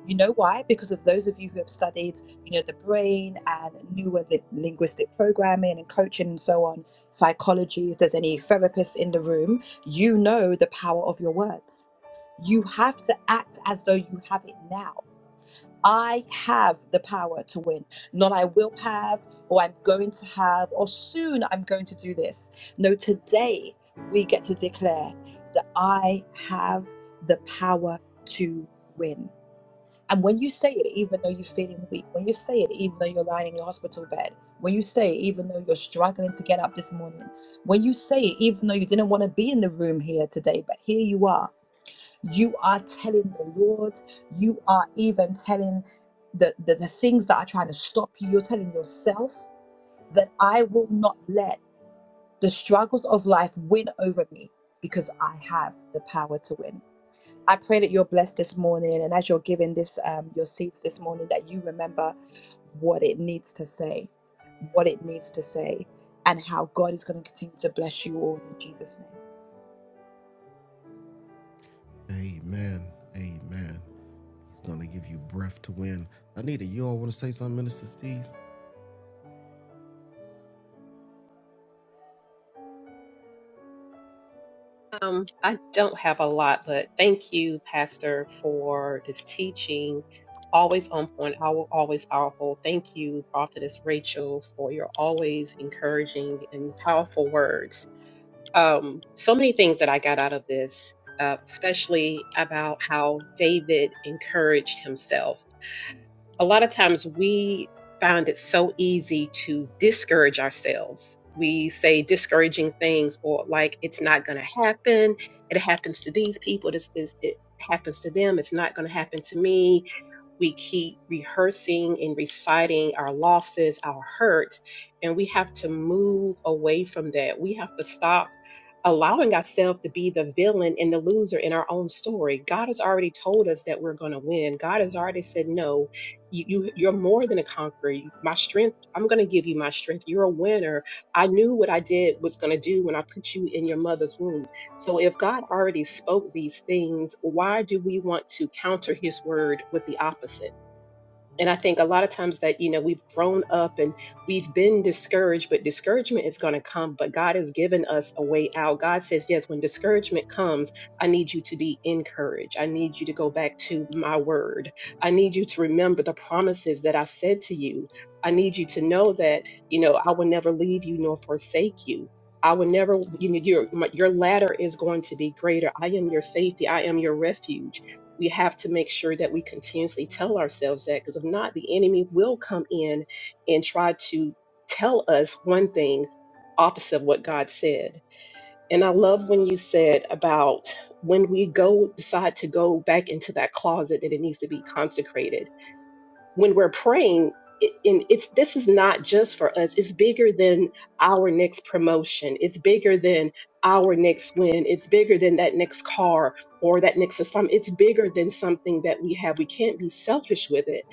S4: You know why? Because of those of you who have studied, you know, the brain and newer li- linguistic programming and coaching and so on, psychology, if there's any therapists in the room, you know the power of your words. You have to act as though you have it now. I have the power to win, not I will have, or I'm going to have, or soon I'm going to do this. No, today we get to declare that I have the power to win. And when you say it, even though you're feeling weak, when you say it, even though you're lying in your hospital bed, when you say it, even though you're struggling to get up this morning, when you say it, even though you didn't want to be in the room here today, but here you are, you are telling the Lord, you are even telling the, the, the things that are trying to stop you, you're telling yourself that I will not let the struggles of life win over me because I have the power to win. I pray that you're blessed this morning, and as you're giving this um, your seats this morning, that you remember what it needs to say, what it needs to say, and how God is going to continue to bless you all in Jesus' name.
S1: Amen. Amen. He's going to give you breath to win. Anita, you all want to say something, Minister Steve?
S3: Um, I don't have a lot, but thank you, Pastor, for this teaching. Always on point, al- always powerful. Thank you, Prophetess Rachel, for your always encouraging and powerful words. Um, so many things that I got out of this, uh, especially about how David encouraged himself a lot of times we find it so easy to discourage ourselves. We say discouraging things or like it's not going to happen. It happens to these people. This is it happens to them. It's not going to happen to me we keep rehearsing and reciting our losses, our hurt, and we have to move away from that. We have to stop allowing ourselves to be the villain and the loser in our own story. God has already told us that we're going to win. God has already said, "No, you, you you're more than a conqueror. My strength, I'm going to give you my strength. You're a winner. I knew what I did was going to do when I put you in your mother's womb. So if God already spoke these things, why do we want to counter his word with the opposite? And I think a lot of times that, you know, we've grown up and we've been discouraged, but discouragement is going to come. But God has given us a way out. God says, yes, when discouragement comes, I need you to be encouraged. I need you to go back to my word. I need you to remember the promises that I said to you. I need you to know that, you know, I will never leave you nor forsake you. I will never, you know, your, my, your ladder is going to be greater. I am your safety. I am your refuge we have to make sure that we continuously tell ourselves that because if not, the enemy will come in and try to tell us one thing opposite of what God said. And I love when you said about when we go decide to go back into that closet that it needs to be consecrated when we're praying it, and it's this is not just for us it's bigger than our next promotion it's bigger than our next win it's bigger than that next car or that next assignment it's bigger than something that we have we can't be selfish with it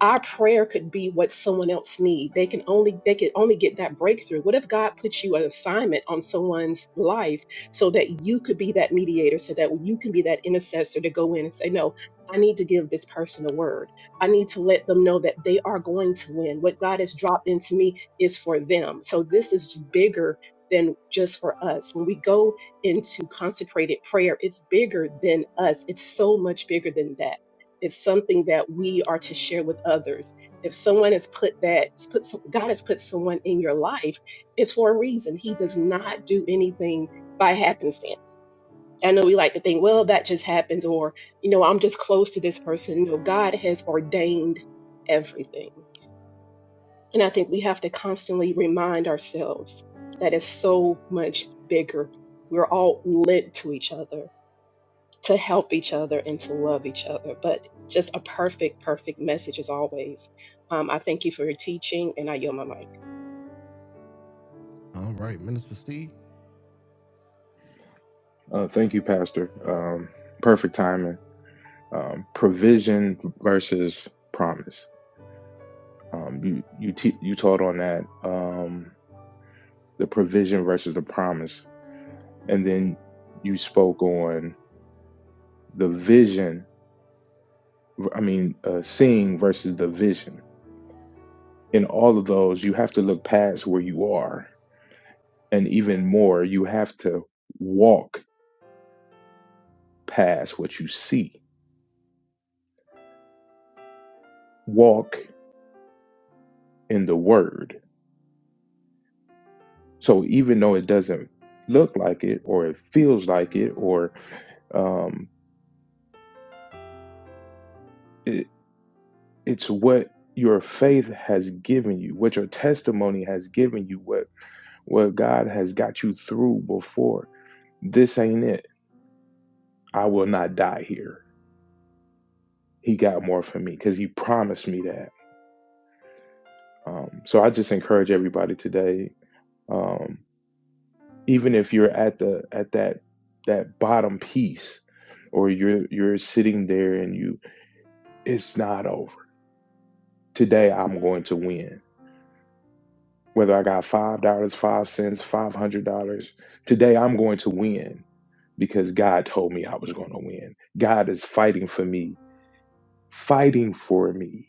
S3: our prayer could be what someone else need they can only they can only get that breakthrough what if god puts you an assignment on someone's life so that you could be that mediator so that you can be that intercessor to go in and say no i need to give this person a word I need to let them know that they are going to win. What God has dropped into me is for them. So this is just bigger than just for us. When we go into consecrated prayer, it's bigger than us. It's so much bigger than that. It's something that we are to share with others. If someone has put that, put some, God has put someone in your life, it's for a reason. He does not do anything by happenstance. I know we like to think, well, that just happens, or, you know, I'm just close to this person. No, God has ordained everything. And I think we have to constantly remind ourselves that it's so much bigger. We're all lent to each other, to help each other, and to love each other. But just a perfect, perfect message as always. Um, I thank you for your teaching, and I yield my mic.
S1: All right, Minister Steve.
S5: Uh, thank you, Pastor. Um, perfect timing. Um, provision versus promise. Um, you you te- you taught on that. Um, the provision versus the promise, and then you spoke on the vision. I mean, uh, seeing versus the vision. In all of those, you have to look past where you are, and even more, you have to walk past what you see. Walk in the Word So even though it doesn't look like it or it feels like it or um, it, it's what your faith has given you, what your testimony has given you, what what God has got you through before. This ain't it. I will not die here. He got more for me because he promised me that. Um, so I just encourage everybody today, um, even if you're at the at that that bottom piece or you're you're sitting there and you it's not over today I'm going to win. Whether I got five dollars, five cents, five hundred dollars, today I'm going to win because God told me I was going to win. God is fighting for me, fighting for me.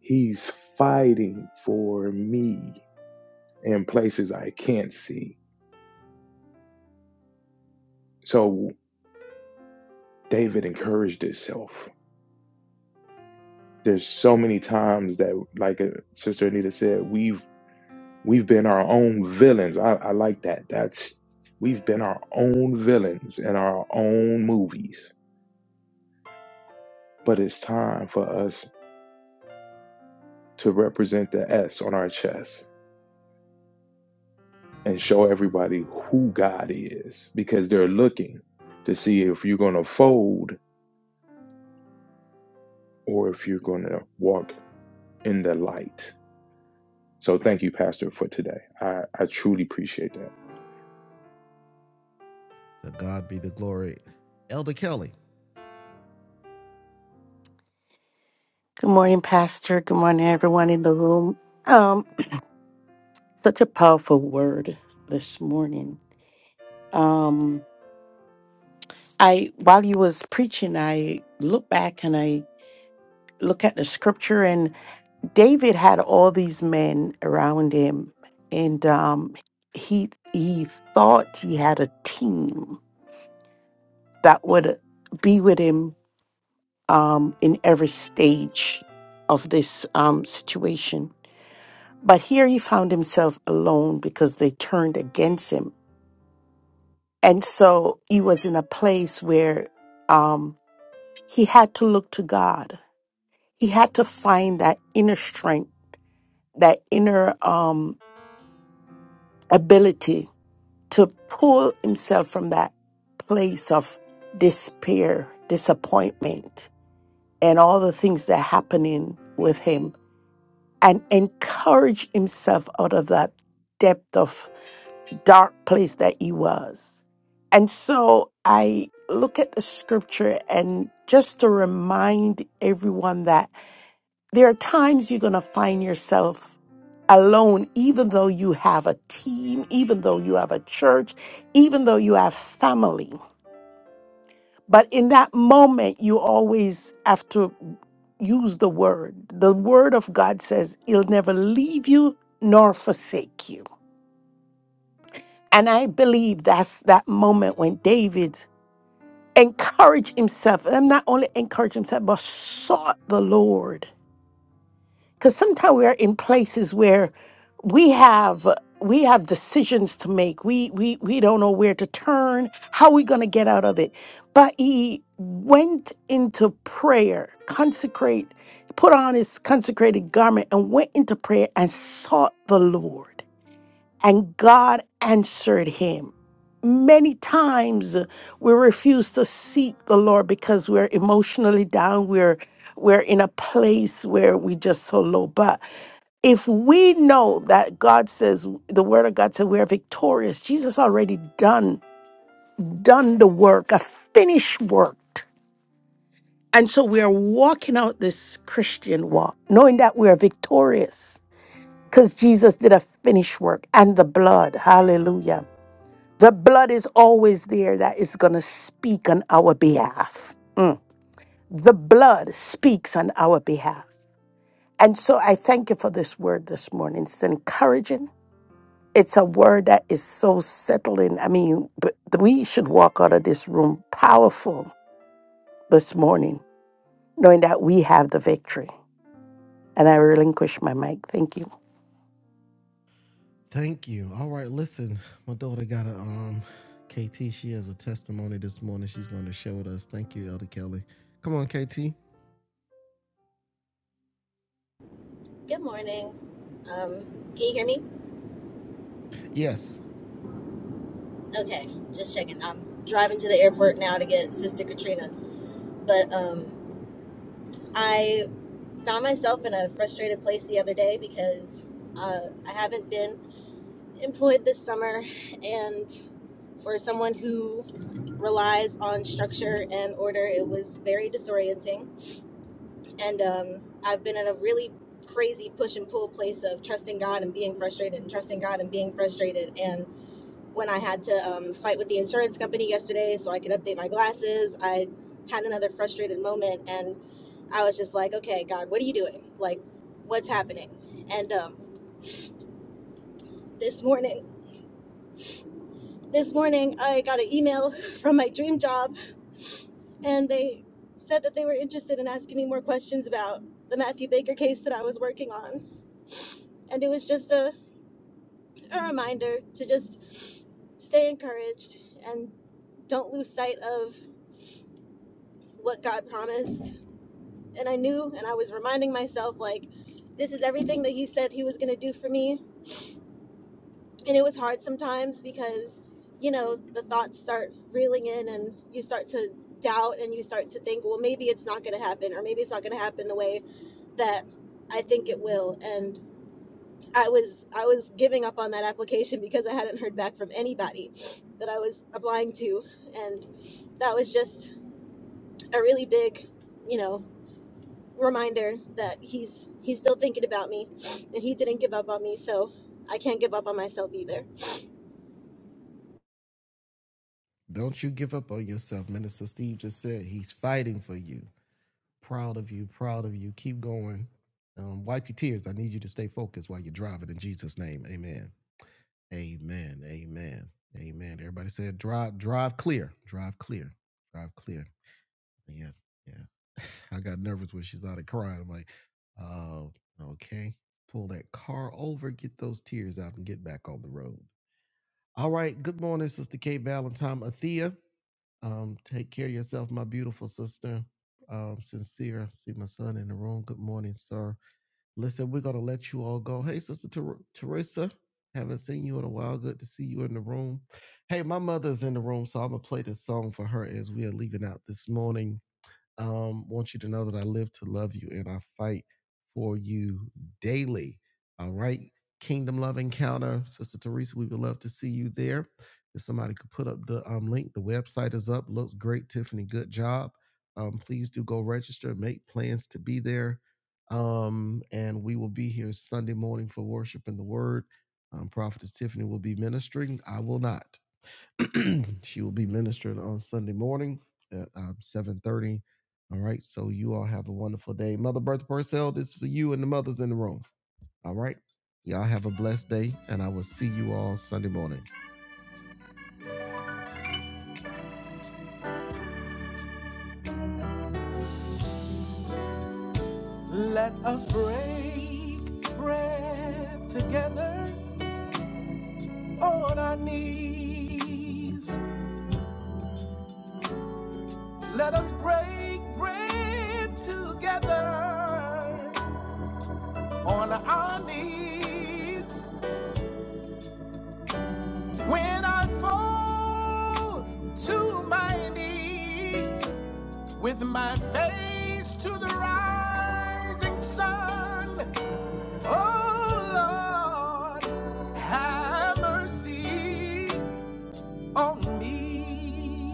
S5: He's fighting for me in places I can't see. So David encouraged himself. There's so many times that, like uh, Sister Anita said, we've We've been our own villains. I, I like that. That's we've been our own villains in our own movies. But it's time for us to represent the S on our chest and show everybody who God is because they're looking to see if you're going to fold or if you're going to walk in the light. So thank you, Pastor, for today. I, I truly appreciate that.
S1: To God be the glory. Elder Kelly,
S6: Good morning, Pastor. Good morning, everyone in the room. Um, such a powerful word this morning. Um, I while you was preaching, I look back and I look at the scripture, and David had all these men around him, and um, he he thought he had a team that would be with him um, in every stage of this um, situation But here he found himself alone because they turned against him. And so he was in a place where um, he had to look to God. He had to find that inner strength, that inner um, ability to pull himself from that place of despair, disappointment, and all the things that are happening with him and encourage himself out of that depth of. dark place that he was. And so I look at the scripture and just to remind everyone that there are times you're going to find yourself alone, even though you have a team, even though you have a church, even though you have family. But in that moment, you always have to use the word. The word of God says, He'll never leave you nor forsake you. And I believe that's that moment when David encourage himself and not only encourage himself but sought the lord because sometimes we are in places where we have we have decisions to make we we we don't know where to turn how we going to get out of it but he went into prayer consecrate put on his consecrated garment and went into prayer and sought the lord and God answered him. Many times uh, we refuse to seek the Lord because we're emotionally down. We're we're in a place where we just so low. But if we know that God says the word of God said we are victorious, Jesus already done done the work, a finished work. And so we are walking out this Christian walk, knowing that we are victorious because Jesus did a finished work and the blood. Hallelujah. The blood is always there that is going to speak on our behalf. Mm. The blood speaks on our behalf. And so I thank you for this word this morning. It's encouraging. It's a word that is so settling. I mean, but we should walk out of this room powerful this morning, knowing that we have the victory. And I relinquish my mic. Thank you.
S1: thank you. All right, listen, my daughter got a um, KT. She has a testimony this morning. She's going to share with us. Thank you, Elder Kelly. Come on, KT.
S7: Good morning. Um, can you hear me?
S1: Yes.
S7: Okay, just checking. I'm driving to the airport now to get Sister Katrina. But um, I found myself in a frustrated place the other day because uh, I haven't been employed this summer. And for someone who relies on structure and order, it was very disorienting. And um, I've been in a really crazy push and pull place of trusting God and being frustrated and trusting God and being frustrated. and. when I had to um, fight with the insurance company yesterday so I could update my glasses. I had another frustrated moment and I was just like, okay, God, what are you doing? Like, what's happening? And um, this morning, this morning, I got an email from my dream job and they said that they were interested in asking me more questions about the Matthew Baker case that I was working on. And it was just a, a reminder to just stay encouraged and don't lose sight of what God promised and I knew and I was reminding myself like this is everything that he said he was going to do for me and it was hard sometimes because you know the thoughts start reeling in and you start to doubt and you start to think well maybe it's not going to happen or maybe it's not going to happen the way that I think it will and I was I was giving up on that application because I hadn't heard back from anybody that I was applying to and that was just a really big you know reminder that he's he's still thinking about me and he didn't give up on me so i can't give up on myself either
S1: Don't you give up on yourself. Minister Steve just said he's fighting for you. Proud of you, proud of you. Keep going. Um, wipe your tears. I need you to stay focused while you're driving in Jesus' name. Amen. Amen. Amen. Amen. Everybody said drive, drive clear. Drive clear. Drive clear. Yeah. Yeah. I got nervous when she started crying. I'm like, oh, okay. Pull that car over, get those tears out, and get back on the road. All right. Good morning, Sister Kate Valentine Athea. Um, take care of yourself, my beautiful sister. Um, sincere. I see my son in the room. Good morning, sir. Listen, we're gonna let you all go. Hey, sister Ter- Teresa. Haven't seen you in a while. Good to see you in the room. Hey, my mother's in the room, so I'm gonna play this song for her as we are leaving out this morning. Um, want you to know that I live to love you and I fight for you daily. All right. Kingdom Love Encounter. Sister Teresa, we would love to see you there. If somebody could put up the um, link, the website is up. Looks great, Tiffany. Good job. Um, please do go register, make plans to be there. Um, and we will be here Sunday morning for worship and the word. Um, Prophetess Tiffany will be ministering. I will not. she will be ministering on Sunday morning at um, 7.30. All right. So you all have a wonderful day. Mother Bertha Purcell, this is for you and the mothers in the room. All right. Y'all have a blessed day, and I will see you all Sunday morning. Let us break bread together on our knees. Let us break bread together on our knees. When I fall to my knees with my face to the rising sun, oh Lord, have mercy on me.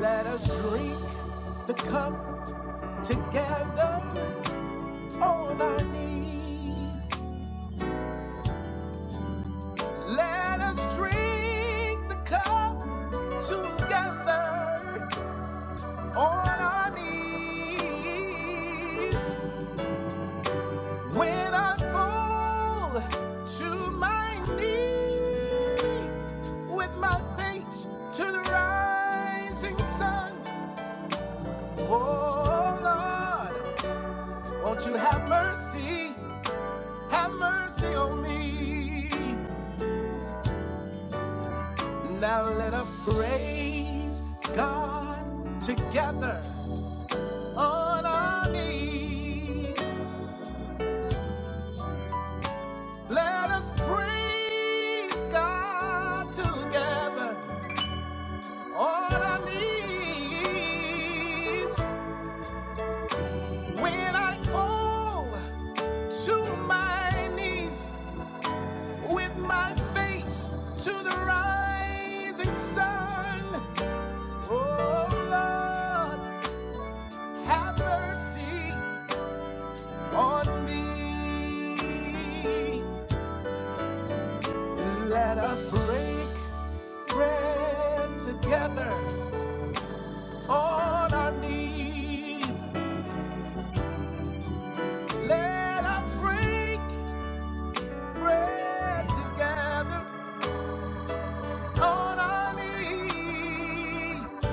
S1: Let us drink the cup together on our knees. Let us drink the cup together on our knees when I fall to my knees with my face to the rising sun. Oh Lord, won't you have mercy? Have mercy on me. Now let us praise God together on our knees. Let us praise God together. All I need when I fall to my knees with my face to the rising sun. Oh Lord, have mercy on me. Let us break bread together. on our knees. Let us break bread together on our knees.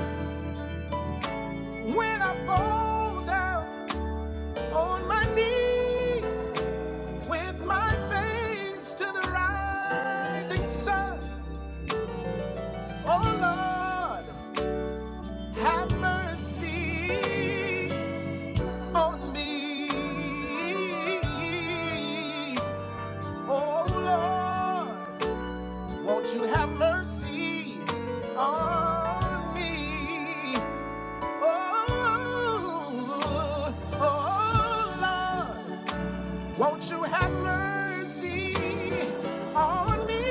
S1: When I fall down on my knee, with my face to the rising sun, oh Lord, have mercy on me. Oh Lord. Won't you have mercy on me? Oh, oh, Lord. Won't you have mercy on me?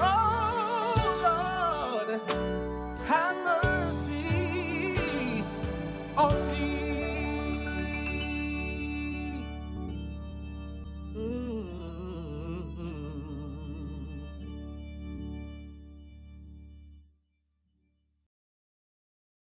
S1: Oh, Lord. Have mercy on me. Mm.